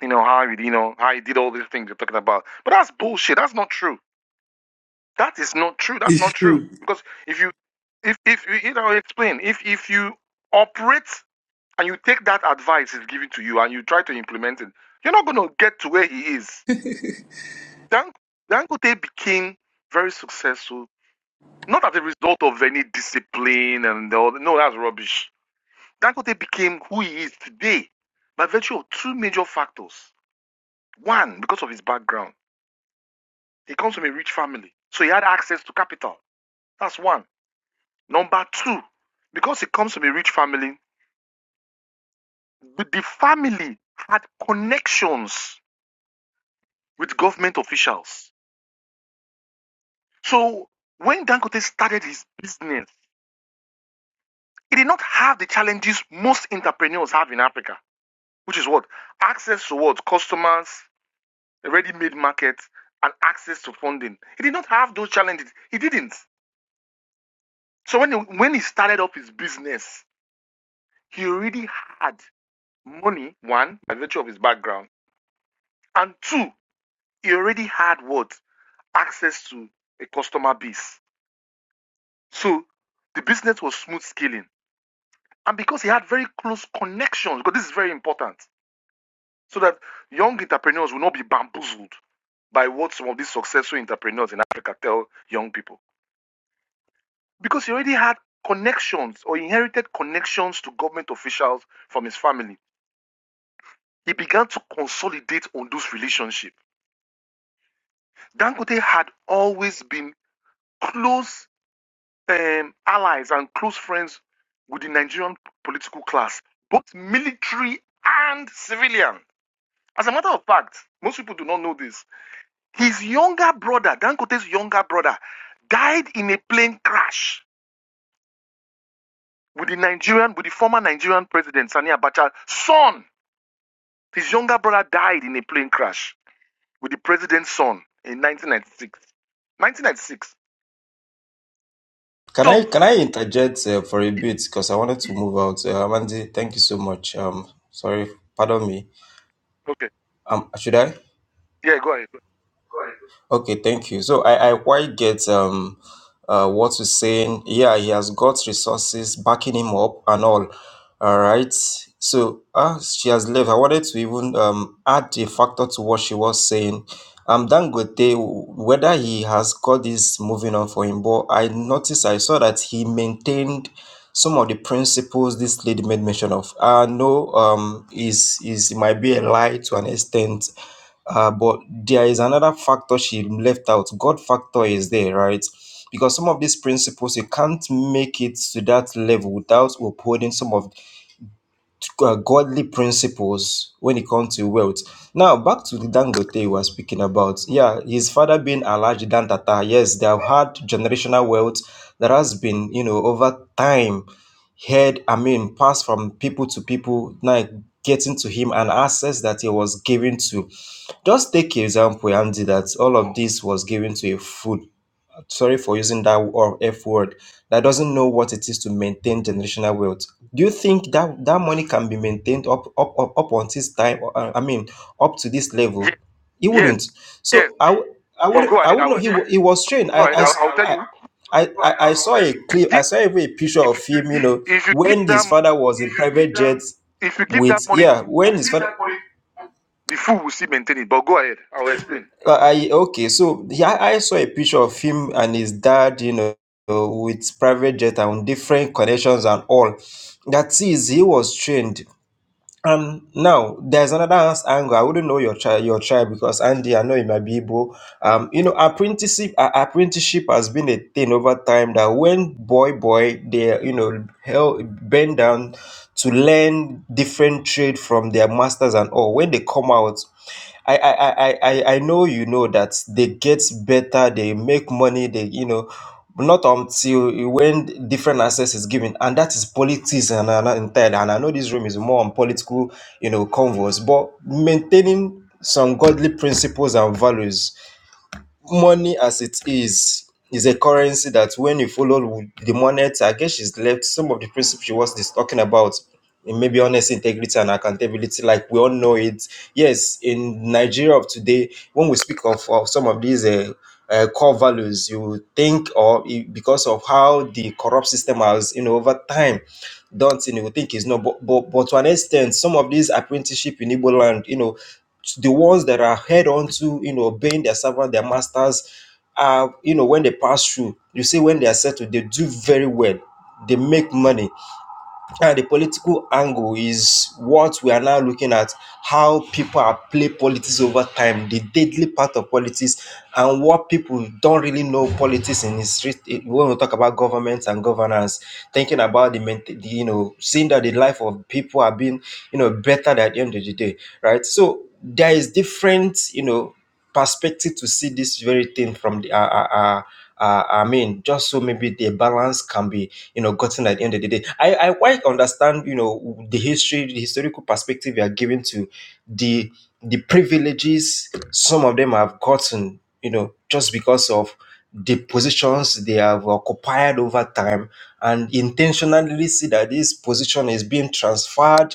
[SPEAKER 1] You know how he you know how he did all these things you're talking about. But that's bullshit. That's not true. That is not true. That's not
[SPEAKER 3] it's
[SPEAKER 1] true.
[SPEAKER 3] true.
[SPEAKER 1] Because if you if if you you know explain if if you operate and you take that advice is given to you and you try to implement it, you're not going to get to where he is. Dan Dangote became very successful Not as a result of any discipline and all. No, that's rubbish. Dangote became who he is today by virtue of two major factors. One, because of his background. He comes from a rich family, so he had access to capital. That's one. Number two, because he comes from a rich family, the family had connections with government officials. So when Dangote started his business, he did not have the challenges most entrepreneurs have in Africa. which is what? Access to what? Customers, ready made markets, and access to funding. He did not have those challenges. He didn't. So when he, when he started up his business, he already had money, one, by virtue of his background, and two, he already had what? Access to a customer base. So the business was smooth scaling. And because he had very close connections, because this is very important, so that young entrepreneurs will not be bamboozled by what some of these successful entrepreneurs in Africa tell young people. Because he already had connections or inherited connections to government officials from his family. He began to consolidate on those relationships. Dangote had always been close um, allies and close friends with the Nigerian political class, both military and civilian. As a matter of fact, most people do not know this His younger brother, Dangote's younger brother, died in a plane crash with the Nigerian, with the former Nigerian president, Sani Abacha's son. His younger brother died in a plane crash with the president's son in 1996. 1996.
[SPEAKER 5] Can I
[SPEAKER 1] So,
[SPEAKER 5] can I interject uh, for a bit because I wanted to move out? Uh, Amandi, thank you so much. Um, sorry, pardon me.
[SPEAKER 1] okay.
[SPEAKER 5] Um, should I?
[SPEAKER 1] Yeah, go ahead.
[SPEAKER 5] Okay, thank you. So I, I quite get um uh what you're saying. Yeah, he has got resources backing him up and all. All right. So uh, she has left. I wanted to even um add a factor to what she was saying. Um Dangote, whether he has got this moving on for him, but I noticed I saw that he maintained some of the principles this lady made mention of. I know um is is it might be a lie to an extent uh, but there is another factor she left out. God factor is there, right? Because some of these principles, you can't make it to that level without upholding some of uh, godly principles when it comes to wealth. Now, back to the Dangote we were speaking about. Yeah, his father being Alhaji Dan Tata. Yes, they have had generational wealth that has been, you know, over time, heard, I mean, passed from people to people, now getting to him and access that he was given to just take example, Andy. that all of this was given to a fool. Sorry for using that or F word. That doesn't know what it is to maintain generational wealth. Do you think that that money can be maintained up up up, up on this time? or, uh, I mean, up to this
[SPEAKER 1] Yes,
[SPEAKER 5] level, he
[SPEAKER 1] yes,
[SPEAKER 5] wouldn't.
[SPEAKER 1] yes.
[SPEAKER 5] So I w- I
[SPEAKER 1] But
[SPEAKER 5] would
[SPEAKER 1] go
[SPEAKER 5] I
[SPEAKER 1] ahead.
[SPEAKER 5] would
[SPEAKER 1] I
[SPEAKER 5] know
[SPEAKER 1] will,
[SPEAKER 5] he wa- he was trained. I
[SPEAKER 1] go ahead.
[SPEAKER 5] I.
[SPEAKER 1] I, will-
[SPEAKER 5] s-
[SPEAKER 1] I will tell
[SPEAKER 5] I-
[SPEAKER 1] you.
[SPEAKER 5] I, I, I saw a clip, I
[SPEAKER 1] If
[SPEAKER 5] saw even a picture
[SPEAKER 1] if you,
[SPEAKER 5] of him, you know,
[SPEAKER 1] if you give
[SPEAKER 5] when his
[SPEAKER 1] them,
[SPEAKER 5] father was in private jets
[SPEAKER 1] if you give that
[SPEAKER 5] with,
[SPEAKER 1] money,
[SPEAKER 5] yeah,
[SPEAKER 1] the fool
[SPEAKER 5] when his father.
[SPEAKER 1] the fool will still maintain it. But go ahead. I will explain.
[SPEAKER 5] Uh, I okay, so yeah, I saw a picture of him and his dad, you know, with private jet and different connections and all. That is, he was trained um, now there's another ans- angle. I wouldn't know your child, your child, because Andy, I know it might be Igbo. Um, you know, apprenticeship, uh, apprenticeship has been a thing over time that when boy, boy, they, you know, hell, bend down to learn different trade from their masters and all. When they come out, I, I, I, I, I I know you know that they get better, they make money, they, you know but not until when different access is given, and that is politics and, and entirely. And I know this room is more on political, you know, converse, but maintaining some godly principles and values money as it is is a currency that when you follow with the monet, I guess she's left some of the principles she was dis- talking about. in Maybe honest integrity and accountability, like we all know it. Yes, in Nigeria of today, when we speak of, of some of these uh, uh, core values, you would think, or i- because of how the corrupt system has, you know, over time done, thing, you would think is no, but, but, but to an extent, some of these apprenticeship in Igbo land, you know, the ones that are held onto, you know, obeying their servant, their masters, uh, you know, when they pass through, you see when they are settled, they do very well. They make money and the political angle is what we are now looking at how people are play politics over time the deadly part of politics and what people don't really know politics in the street eh, when we talk about government and governance thinking about the, maint- the you know seeing that the life of people are being you know better at the end of the day right so there is different you know perspective to see this very thing from the uh, uh, uh, uh, i mean just so maybe the balance can be you know gotten at the end of the day. I I quite understand you know the history, the historical perspective you are given to the the privileges some of them have gotten, you know, just because of the positions they have occupied over time and intentionally see that this position is being transferred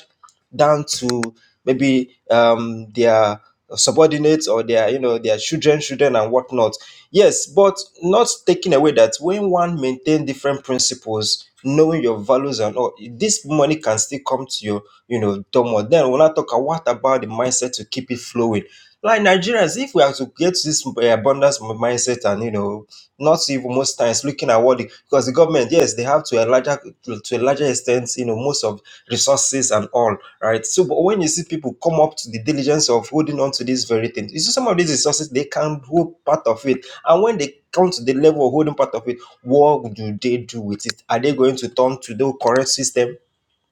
[SPEAKER 5] down to maybe um, their subordinates or their you know their children children and whatnot Yes, but not taking away that when one maintain different principles, knowing your values and all, this money can still come to your, you know, domo. Then when I talk, uh, what about the mindset to keep it flowing? Like Nigerians, if we are to get this uh, abundance m- mindset and you know, not even most times looking at what the, because the government, yes, they have to a larger to to a larger extent, you know, most of resources and all, right? So, but when you see people come up to the diligence of holding on to these very things, you see some of these resources they can hold part of it and when they come to the level of holding part of it, what do they do with it? Are they going to turn to the current system?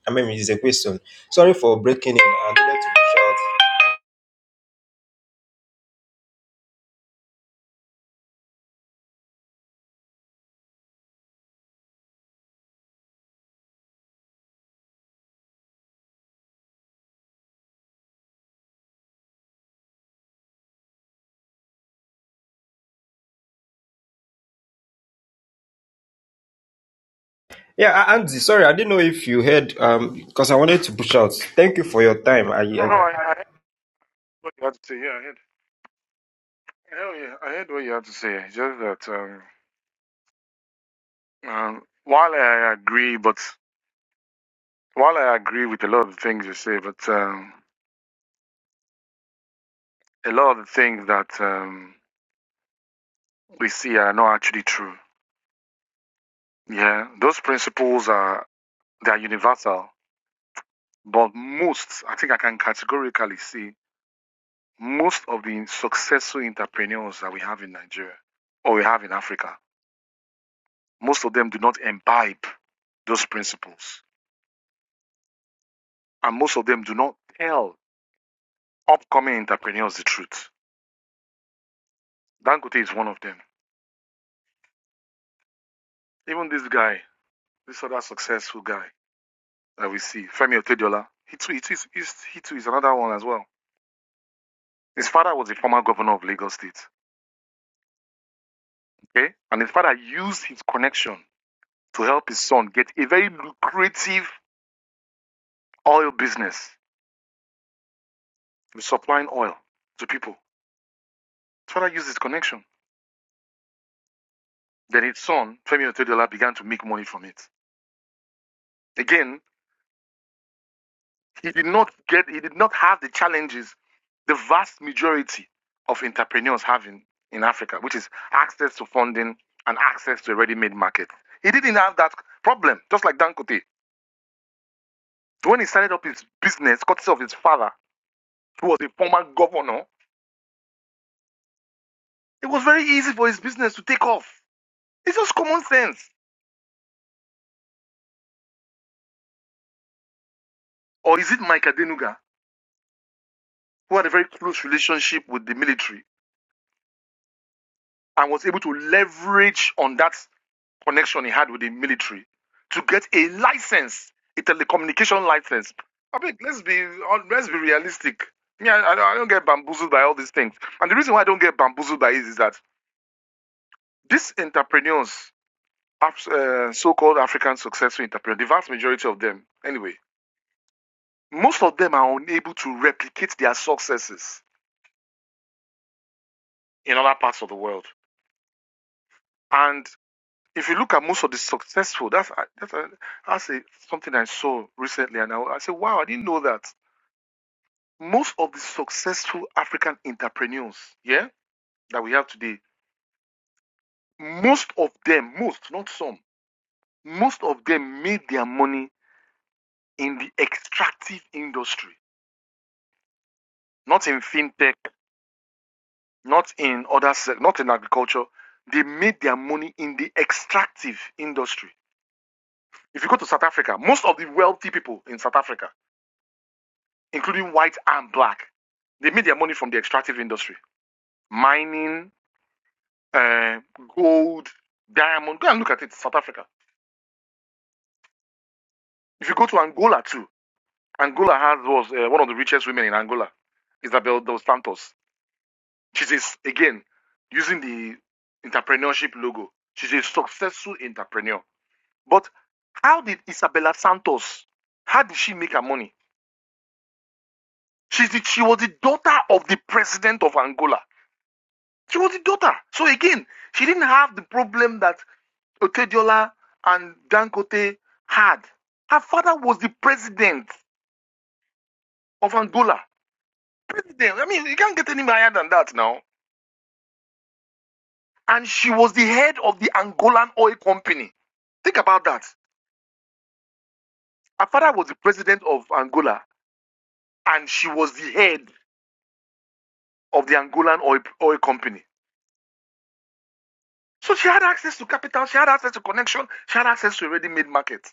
[SPEAKER 5] I mean, it's a question. Sorry for breaking in. I needed to push out. Yeah, A- Andy, sorry, I didn't know if you heard um because I wanted to push out. Thank you for your time. I,
[SPEAKER 1] No,
[SPEAKER 5] I
[SPEAKER 1] I, I heard what you had to say. Yeah, I heard Hell yeah, I heard what you had to say. Just that um, um, while I agree, but while I agree with a lot of the things you say, but um, a lot of the things that um, we see are not actually true. Yeah, those principles are they are universal, but most I think I can categorically see most of the successful entrepreneurs that we have in Nigeria or we have in Africa, most of them do not imbibe those principles, and most of them do not tell upcoming entrepreneurs the truth Dangote is one of them. Even this guy, this other successful guy that we see, Femi Otedola, he too, he too, is, he too is another one as well. His father was the former governor of Lagos State, okay? And his father used his connection to help his son get a very lucrative oil business, with supplying oil to people. His father used his connection. Then his son, Femi Otedola, began to make money from it. Again, He did not get, he did not have the challenges the vast majority of entrepreneurs have in, in Africa, which is access to funding and access to a ready-made market. He didn't have that problem, just like Dangote. When he started up his business, courtesy of his father, who was a former governor, it was very easy for his business to take off. It's just common sense. Or is it Mike Adenuga, who had a very close relationship with the military and was able to leverage on that connection he had with the military to get a license, a telecommunication license. I mean, let's be let let's be realistic. Yeah, I, I don't get bamboozled by all these things. And the reason why I don't get bamboozled by it is that these entrepreneurs, uh, so-called African successful entrepreneurs, the vast majority of them, anyway, most of them are unable to replicate their successes in other parts of the world. And if you look at most of the successful, that's that's, a, that's a, something I saw recently, and I, I said, wow, I didn't know that most of the successful African entrepreneurs, yeah, that we have today, most of them, most, not some, most of them made their money in the extractive industry, not in fintech, not in other, not in agriculture. They made their money in the extractive industry. If you go to South Africa, most of the wealthy people in South Africa, including white and black, they made their money from the extractive industry, mining, uh, gold, diamond. Go and look at it, South Africa If you go to Angola too, Angola has was uh, one of the richest women in Angola, Isabel dos Santos. She's a s- again using the entrepreneurship logo. She's a successful entrepreneur. But how did Isabella Santos? How did she make her money? She's the, she was the daughter of the president of Angola. She was the daughter. So again, she didn't have the problem that Otediola and Dangote had. Her father was the president of Angola. President. I mean, you can't get any higher than that now. And she was the head of the Angolan oil company. Think about that. Her father was the president of Angola, and she was the head of the Angolan oil, oil company. So she had access to capital, she had access to connection, she had access to a ready made market.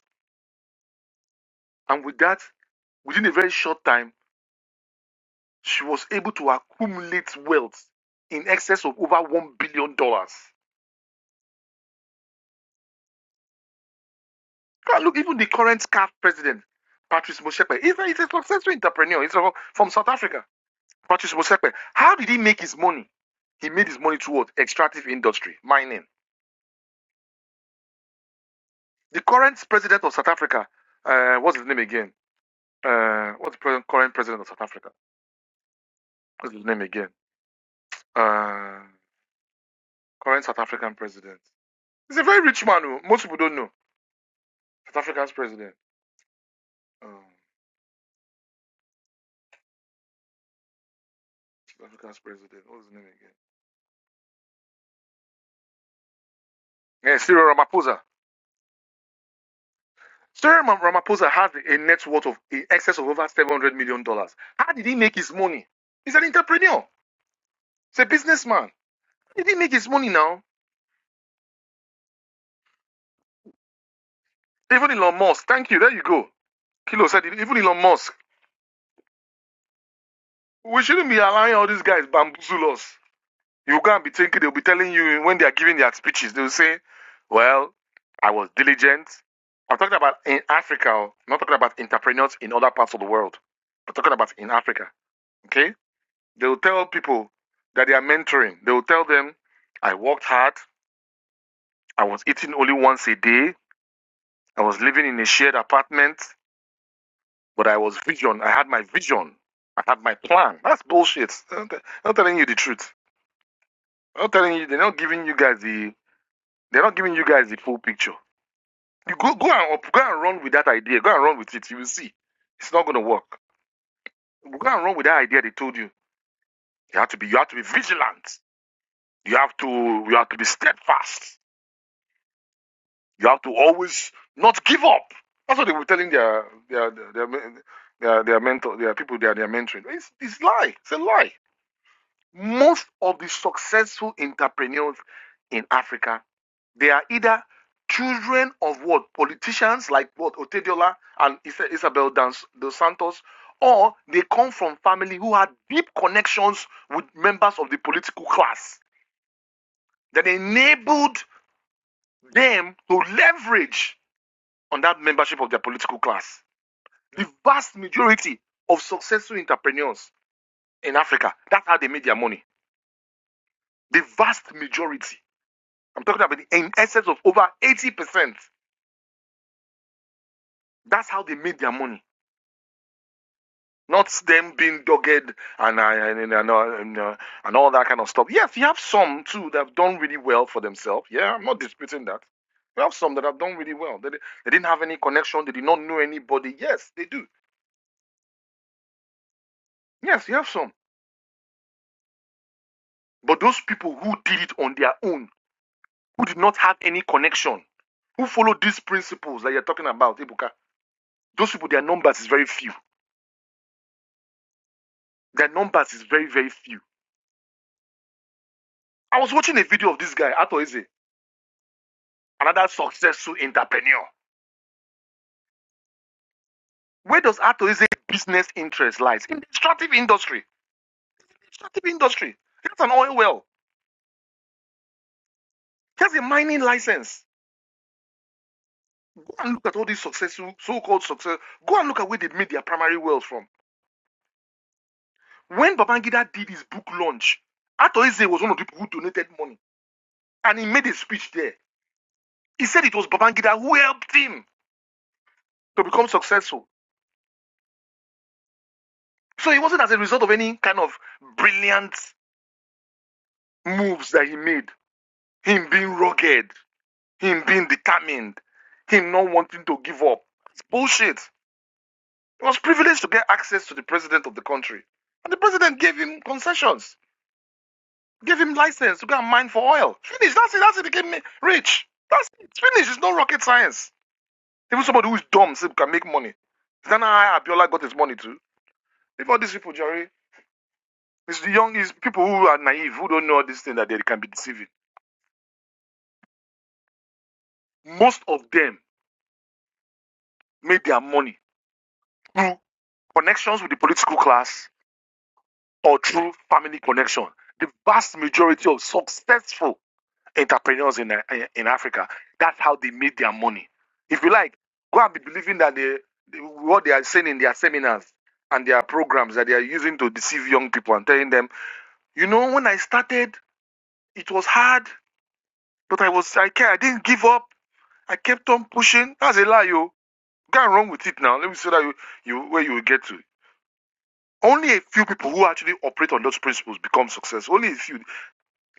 [SPEAKER 1] And with that, within a very short time, she was able to accumulate wealth in excess of over $1 billion. dollars. look, even the current CAF president, Patrice Motsepe, he's a, he's a successful entrepreneur. He's from South Africa. Patrice Motsepe, how did he make his money? He made his money towards extractive industry, mining. The current president of South Africa, uh, what's his name again? Uh, what's the current president of South Africa? What's his name again? Uh, current South African president. He's a very rich man. oh. Most people don't know. South Africa's president. Um, South Africa's president. What's his name again? Yeah, Cyril Ramaphosa. Cyril Ram- Ramaphosa has a net worth of in excess of over $700 million. dollars. How did he make his money? He's an entrepreneur. He's a businessman. How did he didn't make his money now? Even Elon Musk. Thank you. There you go. Kilo said it. Even Elon Musk. We shouldn't be allowing all these guys bamboozle us. You can't be thinking they'll be telling you when they are giving their speeches. They'll say, well, I was diligent. I'm talking about in Africa. oh. I'm not talking about entrepreneurs in other parts of the world. I'm talking about in Africa. Okay? They will tell people that they are mentoring. They will tell them, I worked hard. I was eating only once a day. I was living in a shared apartment, but I was vision. I had my vision. I had my plan. That's bullshit. They're not, they're not telling you the truth. They're not telling you. They're not giving you guys the. They're not giving you guys the full picture. You go go and go and run with that idea. Go and run with it. You will see. It's not going to work. Go and run with that idea they told you. You have to be. You have to be vigilant. You have to. You have to be steadfast. You have to always not give up. That's what they were telling their their their their, their, mentor, their people they are their mentoring. It's it's lie. It's a lie. Most of the successful entrepreneurs in Africa, they are either children of what politicians like what Otediola and Isabel dos Santos, or they come from family who had deep connections with members of the political class that enabled them to leverage on that membership of their political class. The vast majority of successful entrepreneurs in Africa, that's how they made their money. The vast majority, I'm talking about in excess of over 80%, that's how they made their money. Not them being dogged and, uh, and, uh, and, uh, and all that kind of stuff. Yes, you have some too that have done really well for themselves. Yeah, I'm not disputing that. You have some that have done really well. They, they didn't have any connection. They did not know anybody. Yes, they do. Yes, you have some. But those people who did it on their own, who did not have any connection, who followed these principles that you're talking about, Ibuka, those people, their numbers is very few. Their numbers is very, very few. I was watching a video of this guy, Ato Eze, another successful entrepreneur. Where does Ato Eze business interest lies? In the extractive industry. Extractive industry. He has an oil well. He has a mining license. Go and look at all these successful, so-called success. Go and look at where they made their primary wealth from. When Babangida did his book launch, Ato Eze was one of the people who donated money. And he made a speech there. He said it was Babangida who helped him to become successful. So it wasn't as a result of any kind of brilliant moves that he made. Him being rugged, him being determined, him not wanting to give up. It's bullshit. He was privileged to get access to the president of the country. And the president gave him concessions, gave him license to go and mine for oil. Finish. That's it. That's it. He became rich. That's it. It's finished. It's no rocket science. Even somebody who is dumb still can make money. Is that not how Abiola got his money too? Leave all these people, Jerry. It's the young it's people who are naive, who don't know all this thing that they can be deceiving. Most of them made their money through connections with the political class or through family connection. The vast majority of successful entrepreneurs in, eh, eh, in Africa, that's how they made their money. If you like, go and be believing that they, what they are saying in their seminars and their programs that they are using to deceive young people and telling them, you know, when I started, it was hard, but I was I care, I didn't give up. I kept on pushing. That's a lie, yo. Go and run with it now. Let me see that you, you where you will get to. Only a few people who actually operate on those principles become successful. Only a few.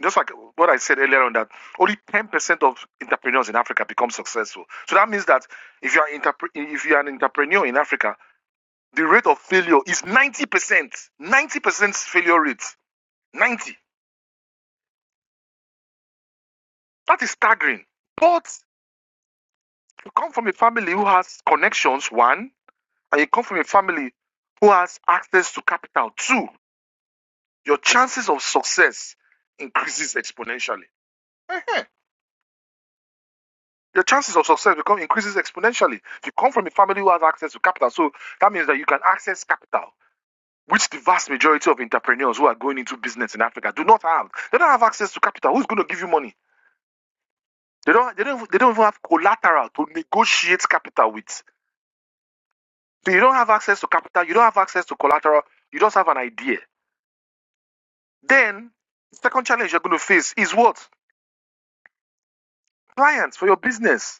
[SPEAKER 1] Just like what I said earlier on that only 10% of entrepreneurs in Africa become successful. So that means that if you are interpre- if you are an entrepreneur in Africa, the rate of failure is 90%. 90% failure rate. 90. That is staggering. But you come from a family who has connections, one. and you come from a family who has access to capital, too. your chances of success increases exponentially. Ehen. Your chances of success become increases exponentially. If you come from a family who has access to capital, so that means that you can access capital, which the vast majority of entrepreneurs who are going into business in Africa do not have. They don't have access to capital. Who's going to give you money? They don't. They don't. They don't even have collateral to negotiate capital with. So you don't have access to capital. You don't have access to collateral. You just have an idea. Then, second challenge you're going to face is what? Clients for your business.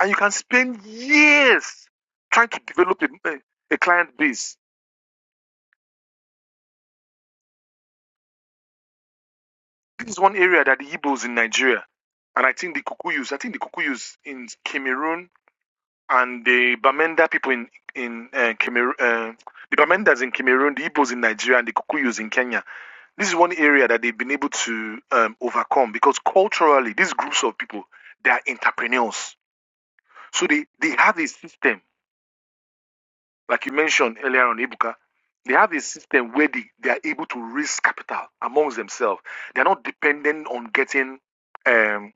[SPEAKER 1] And you can spend years trying to develop a, a, client base. This is one area that the Igbos in Nigeria, and I think the Kukuyus, I think the Kukuyus in Cameroon and the Bamenda people in, in uh, Cameroon, uh, the Bamendas in Cameroon, the Igbos in Nigeria, and the Kukuyus in Kenya. This is one area that they've been able to um, overcome because culturally, these groups of people, they are entrepreneurs. So they, they have a system like you mentioned earlier on Ibuka, they have a system where they, they are able to raise capital amongst themselves. They're not dependent on getting um,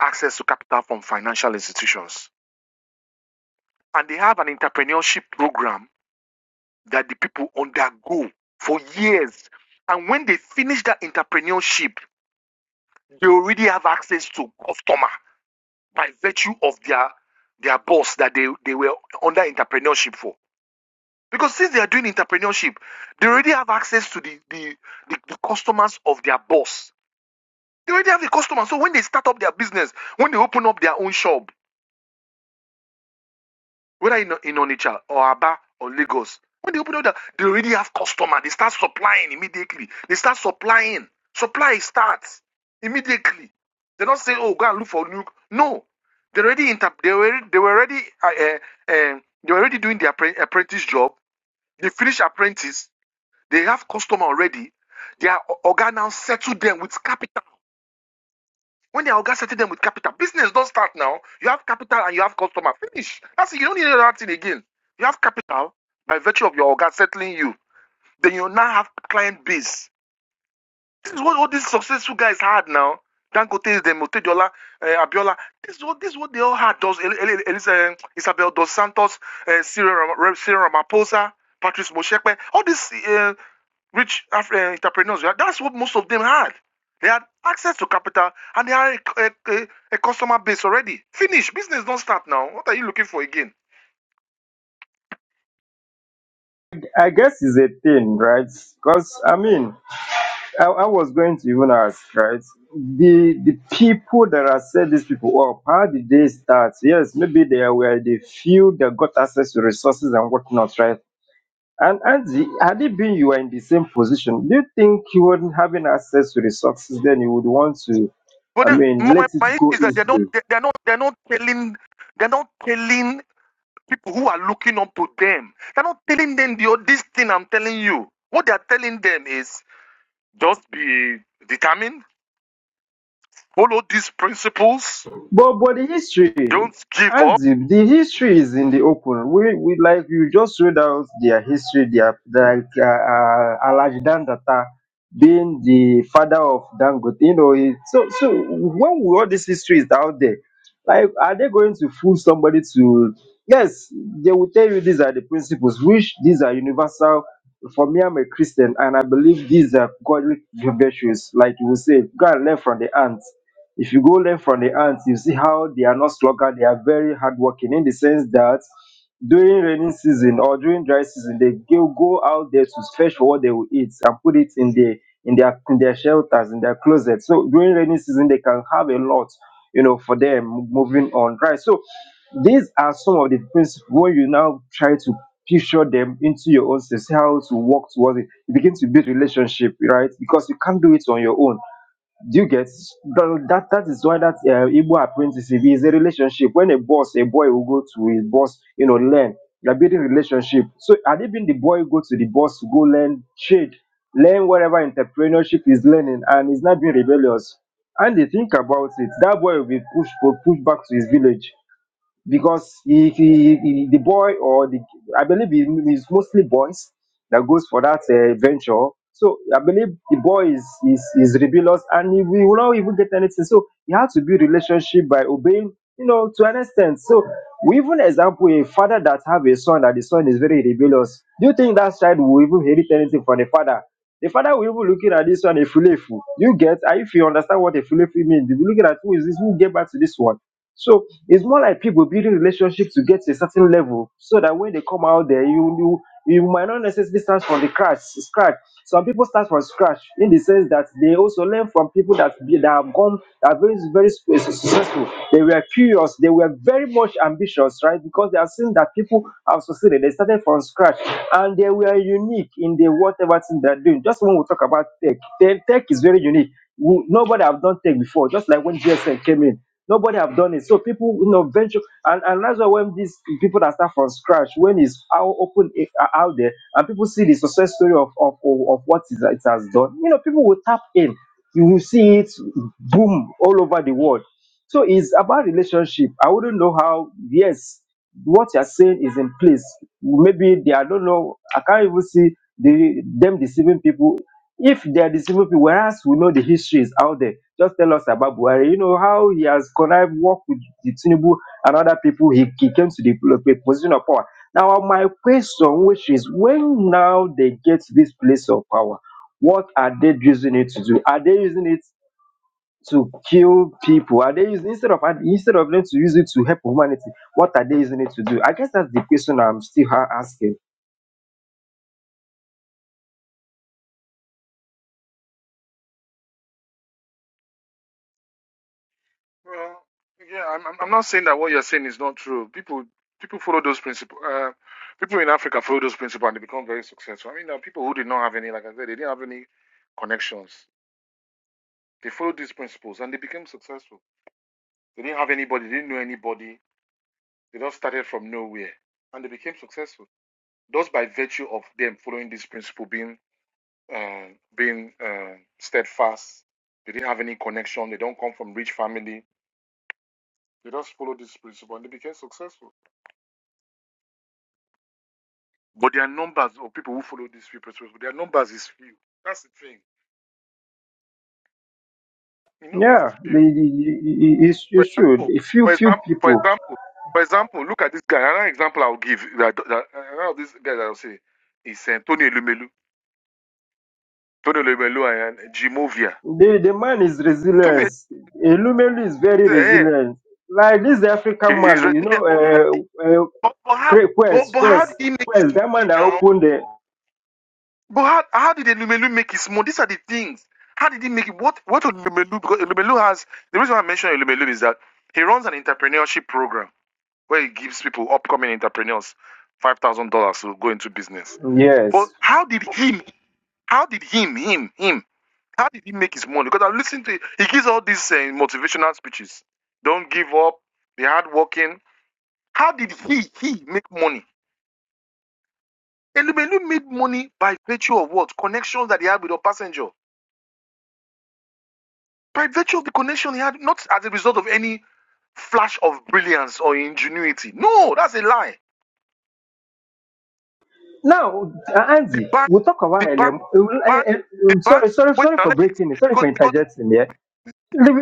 [SPEAKER 1] access to capital from financial institutions. And they have an entrepreneurship program that the people undergo for years. And when they finish that entrepreneurship, they already have access to customer by virtue of their their boss that they, they were under entrepreneurship for. Because since they are doing entrepreneurship, they already have access to the, the, the, the customers of their boss. They already have the customers. So when they start up their business, when they open up their own shop, whether in, in Onitsha or Aba or Lagos, when they open up, their, they already have customer. They start supplying immediately. They start supplying. Supply starts immediately. They don't say, "Oh, go and look for new." No, they already inter- they were they were already uh, uh, uh, they were already doing their apprentice job. They finish apprentice. They have customer already. Their o- oga now settle them with capital. When their oga settle them with capital, business don't start now. You have capital and you have customer. Finish. That's it. You don't need another thing again. You have capital by virtue of your organ settling you. Then you now have client base. This is what all these successful guys had now. Dangote, them, Otedola, uh, Abiola. This is what this is what they all had. Dos, El, El, El, El, Isabel Dos Santos, uh, Cyril, Ramaphosa, Patrice Moshepe. All these uh, rich Af- uh, entrepreneurs. yeah, That's what most of them had. They had access to capital and they had a, a- a- a customer base already. Finish business don't start now. What are you looking for again?
[SPEAKER 5] I guess it's a thing, right? Because I mean, I, I was going to even ask, right? The the people that are set these people up, how did they start? Yes, maybe they were the few that got access to resources and whatnot, right? And Andy, had it been you were in the same position, do you think you wouldn't having access to resources then you would want to,
[SPEAKER 1] But
[SPEAKER 5] I
[SPEAKER 1] the,
[SPEAKER 5] mean,
[SPEAKER 1] my
[SPEAKER 5] let it
[SPEAKER 1] my issue
[SPEAKER 5] go
[SPEAKER 1] is that they
[SPEAKER 5] easily?
[SPEAKER 1] don't they- they're not they're not telling they're not telling people who are looking up to them. They're not telling them the, this thing I'm telling you. What they're telling them is just be determined, follow these principles,
[SPEAKER 5] But but the history,
[SPEAKER 1] don't give up
[SPEAKER 5] and the, the history is in the open. We we like you just read out their history. Their like uh, uh, Alhaji Data being the father of Dangote. You know, it, so so when we, all this history is out there, like are they going to fool somebody to? Yes, they will tell you these are the principles, which these are universal. For me, I'm a Christian, and I believe these are godly virtues, like you will say, God learn from the ants if you go learn from the ants, you see how they are not sluggard, they are very hardworking in the sense that during rainy season or during dry season, they go go out there to fetch for what they will eat and put it in the in their in their shelters, in their closets. So during rainy season, they can have a lot, you know, for them moving on dry. So these are some of the principles when you now try to picture them into your own system, see how to work towards it. You begin to build relationship, right? Because you can't do it on your own. Do you get tha- that? That is why that uh, Igbo apprenticeship is a relationship. When a boss, a boy will go to his boss, you know, learn. You're building relationship. So had it been the boy go to the boss to go learn trade, learn whatever entrepreneurship is learning, and he's not being rebellious. And they think about it, that boy will be pushed pushed back to his village because if he, he- the boy or the I believe it is mostly boys that goes for that uh, venture. So I believe the boy is is, is rebellious and he will will not even get anything. So he has to build relationship by obeying, you know, to an extent. So we even example a father that have a son that the son is very rebellious. Do you think that child will even inherit anything from the father? The father will even looking at this one a fulefu. You get, if you understand what a fulefu means, they will looking at who is this, who gave back to this one. So it's more like people building relationships to get to a certain level so that when they come out there, you you, you might not necessarily start from the crash, scratch. Some people start from scratch in the sense that they also learn from people that be- that have gone that are very very su- su- successful. They were curious. They were very much ambitious, right? Because they have seen that people have succeeded. They started from scratch and they were unique in the whatever thing they're doing. Just when we talk about tech, tech tech is very unique. We- Nobody have done tech before. Just like when GSM came in Nobody have done it. So people, you know, venture, and, and that's why when these people that start from scratch, when it's out open eh, out there, and people see the success story of of, of, of what it, it has done, you know, people will tap in. You will see it boom all over the world. So it's about relationship. I wouldn't know how. Yes, what you're saying is in place. Maybe they, I don't know. I can't even see the them deceiving people if they are the people, whereas we know the history is out there, just tell us about Buhari. You know how he has connived, worked with the Tinubu and other people. He, he came to the pl- pl- position of power. Now, my question, which is, when now they get this place of power, what are they using it to do? Are they using it to kill people? Are they using instead of instead of them to use it to help humanity? What are they using it to do? I guess that's the question I'm still ha- asking.
[SPEAKER 1] Well, yeah, I'm, I'm I'm not saying that what you're saying is not true. People people follow those principles. Uh, people in Africa follow those principles and they become very successful. I mean, there are people who did not have any, like I said, they didn't have any connections. They followed these principles and they became successful. They didn't have anybody, they didn't know anybody. They just started from nowhere and they became successful. Just by virtue of them following this principle, being uh, being uh, steadfast. They didn't have any connection. They don't come from rich family. They just follow this principle and they became successful. But there are numbers of people who follow these few principles, but their numbers is few. That's the thing. The numbers is
[SPEAKER 5] Yeah, the,
[SPEAKER 1] few.
[SPEAKER 5] the, the, it's,
[SPEAKER 1] For
[SPEAKER 5] it's true.
[SPEAKER 1] example,
[SPEAKER 5] A few
[SPEAKER 1] for
[SPEAKER 5] few
[SPEAKER 1] example, for
[SPEAKER 5] people.
[SPEAKER 1] example, for example, look at this guy. Another example I'll give that, that another of this guy that I'll say is um, Tony Lumelu. Tony Lumelu and Jimovia.
[SPEAKER 5] The, the man is
[SPEAKER 1] Tony
[SPEAKER 5] resilience. Eh, Lumelu is very
[SPEAKER 1] eh,
[SPEAKER 5] resilient. Like this African
[SPEAKER 1] okay, he's
[SPEAKER 5] man, you
[SPEAKER 1] resilient, but how did,
[SPEAKER 5] know, uh, uh,
[SPEAKER 1] but, but how
[SPEAKER 5] Cra-
[SPEAKER 1] but,
[SPEAKER 5] Quest,
[SPEAKER 1] but how
[SPEAKER 5] Quest,
[SPEAKER 1] did he make his
[SPEAKER 5] Quest, that man
[SPEAKER 1] money
[SPEAKER 5] that
[SPEAKER 1] now?
[SPEAKER 5] opened the.
[SPEAKER 1] But how, how did Elumelu make it small? These are the things. How did he make it? What what Elumelu? Because Elumelu has the reason why I mentioned Elumelu is that he runs an entrepreneurship program where he gives people upcoming entrepreneurs five thousand dollars to go into business.
[SPEAKER 5] Yes.
[SPEAKER 1] But how did him? How did him? Him? Him? How did he make his money? Because I listen to it. he gives all these uh, motivational speeches. Don't give up. Be hardworking. How did he he make money? Elumelu made money by virtue of what connections that he had with a passenger. by virtue of the connection he had, not as a result of any flash of brilliance or ingenuity. No, that's a lie.
[SPEAKER 5] Now, uh,
[SPEAKER 1] The
[SPEAKER 5] Andy,
[SPEAKER 1] bank,
[SPEAKER 5] we'll talk about
[SPEAKER 1] the bank,
[SPEAKER 5] LM. Uh,
[SPEAKER 1] the bank,
[SPEAKER 5] uh,
[SPEAKER 1] the
[SPEAKER 5] uh,
[SPEAKER 1] bank.
[SPEAKER 5] sorry, sorry,
[SPEAKER 1] Wait,
[SPEAKER 5] sorry
[SPEAKER 1] now
[SPEAKER 5] for
[SPEAKER 1] let me
[SPEAKER 5] breaking in.
[SPEAKER 1] explain.
[SPEAKER 5] Sorry
[SPEAKER 1] Because,
[SPEAKER 5] for
[SPEAKER 1] because,
[SPEAKER 5] interjecting Yeah.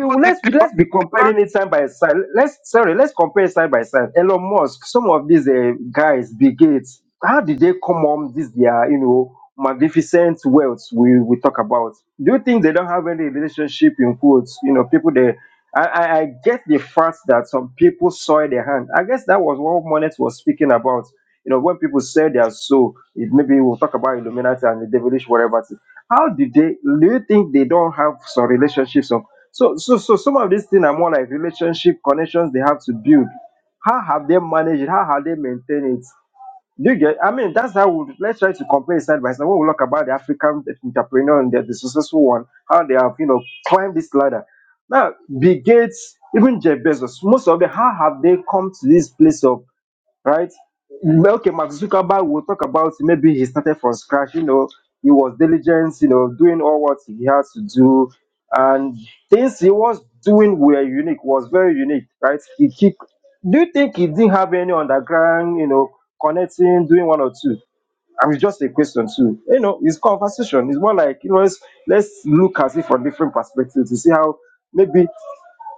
[SPEAKER 1] because the, the
[SPEAKER 5] be,
[SPEAKER 1] bank,
[SPEAKER 5] let's be
[SPEAKER 1] the bank.
[SPEAKER 5] comparing it side by side. Let's sorry, let's compare side by side. Elon Musk, some of these uh, guys, Bill Gates, how did they come on this their you know magnificent wealth we we talk about? Do you think they don't have any relationship in quotes? You know, people they. I, I I get the fact that some people saw their hand. I guess that was what Monet was speaking about. You know, when people sell their soul, it, maybe we'll talk about Illuminati and the devilish whatever. How did they? Do you think they don't have some relationships? So, so, so some of these things are more like relationship connections they have to build. How have they managed it? How have they maintained it? Do you get? I mean, that's how we let's try to compare it side by side. When we look about the African entrepreneur and the, the successful one, how they have you know climbed this ladder. Now, Bill Gates, even Jeff Bezos, most of them, how have they come to this place of right? Well, Okay, Mark Zuckerberg will talk about maybe he started from scratch, you know, he was diligent, you know, doing all what he had to do. And things he was doing were unique, was very unique, right? He keep do you think he didn't have any underground, you know, connecting, doing one or two? I mean, just a question too. You know, it's conversation. It's more like, you know, let's, let's look at it from different perspectives to see how maybe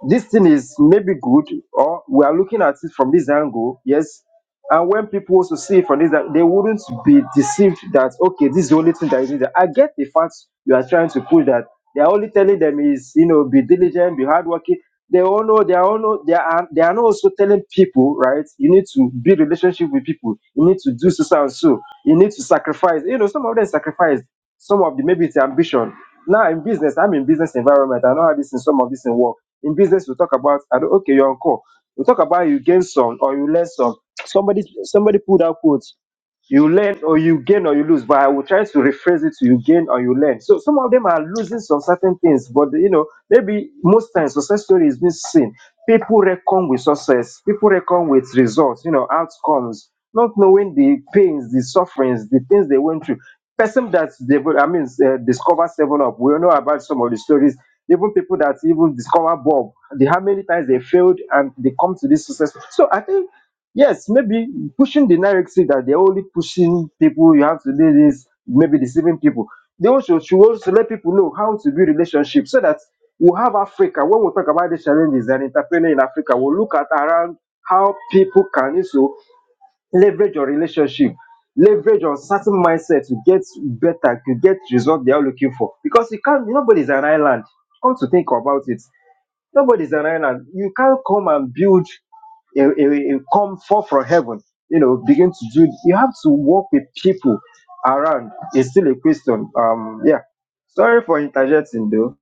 [SPEAKER 5] this thing is maybe good, or we are looking at it from this angle, yes. And when people also see it from this, ang- they wouldn't be deceived that okay, this is the only thing that is needed. I get the facts you are trying to push that they are only telling them is you know be diligent, be hardworking. They all know they are all know they are they are not also telling people right. You need to build relationship with people. You need to do so so and so. You need to sacrifice. You know some of them sacrifice. Some of the maybe it's ambition. Now in business, I'm in business environment. I know how this in some of this in work in business, we talk about I don't, okay, you're on call. We talk about you gain some or you learn some. Somebody somebody pulled out quote. You learn or you gain or you lose, but I will try to rephrase it to you gain or you learn. So some of them are losing some certain things, but you know, maybe most times success story is being seen. People reckon with success, people reckon with results, you know, outcomes, not knowing the pains, the sufferings, the things they went through. Person that they, I mean, uh, discover Seven Up. We all know about some of the stories. Even people that even discover Bob, the how many times they failed and they come to this success. So I think Yes, maybe pushing the narrative that they're only pushing people, you have to do this, maybe deceiving people. They also should also let people know how to build relationships so that we'll have Africa. When we talk about the challenges and entrepreneur in Africa, we'll look at around how people can also leverage your relationship, leverage on certain mindset to get better, to get result they are looking for. Because you can't, nobody's an island. Come to think about it. Nobody's an island. You can't come and build it, it, it come forth from heaven. You know, begin to do. You have to work with people around. It's still a question. Um, yeah. Sorry for interjecting, though.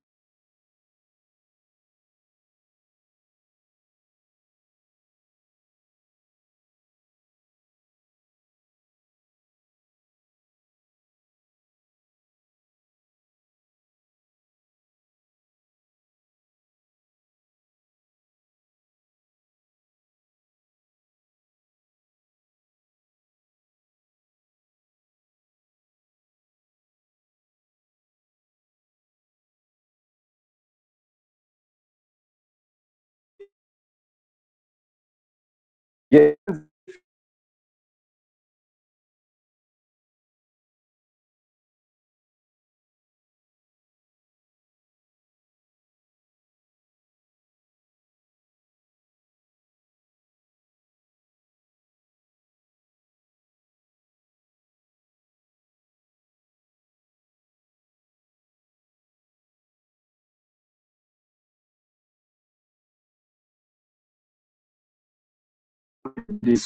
[SPEAKER 5] Yeah. the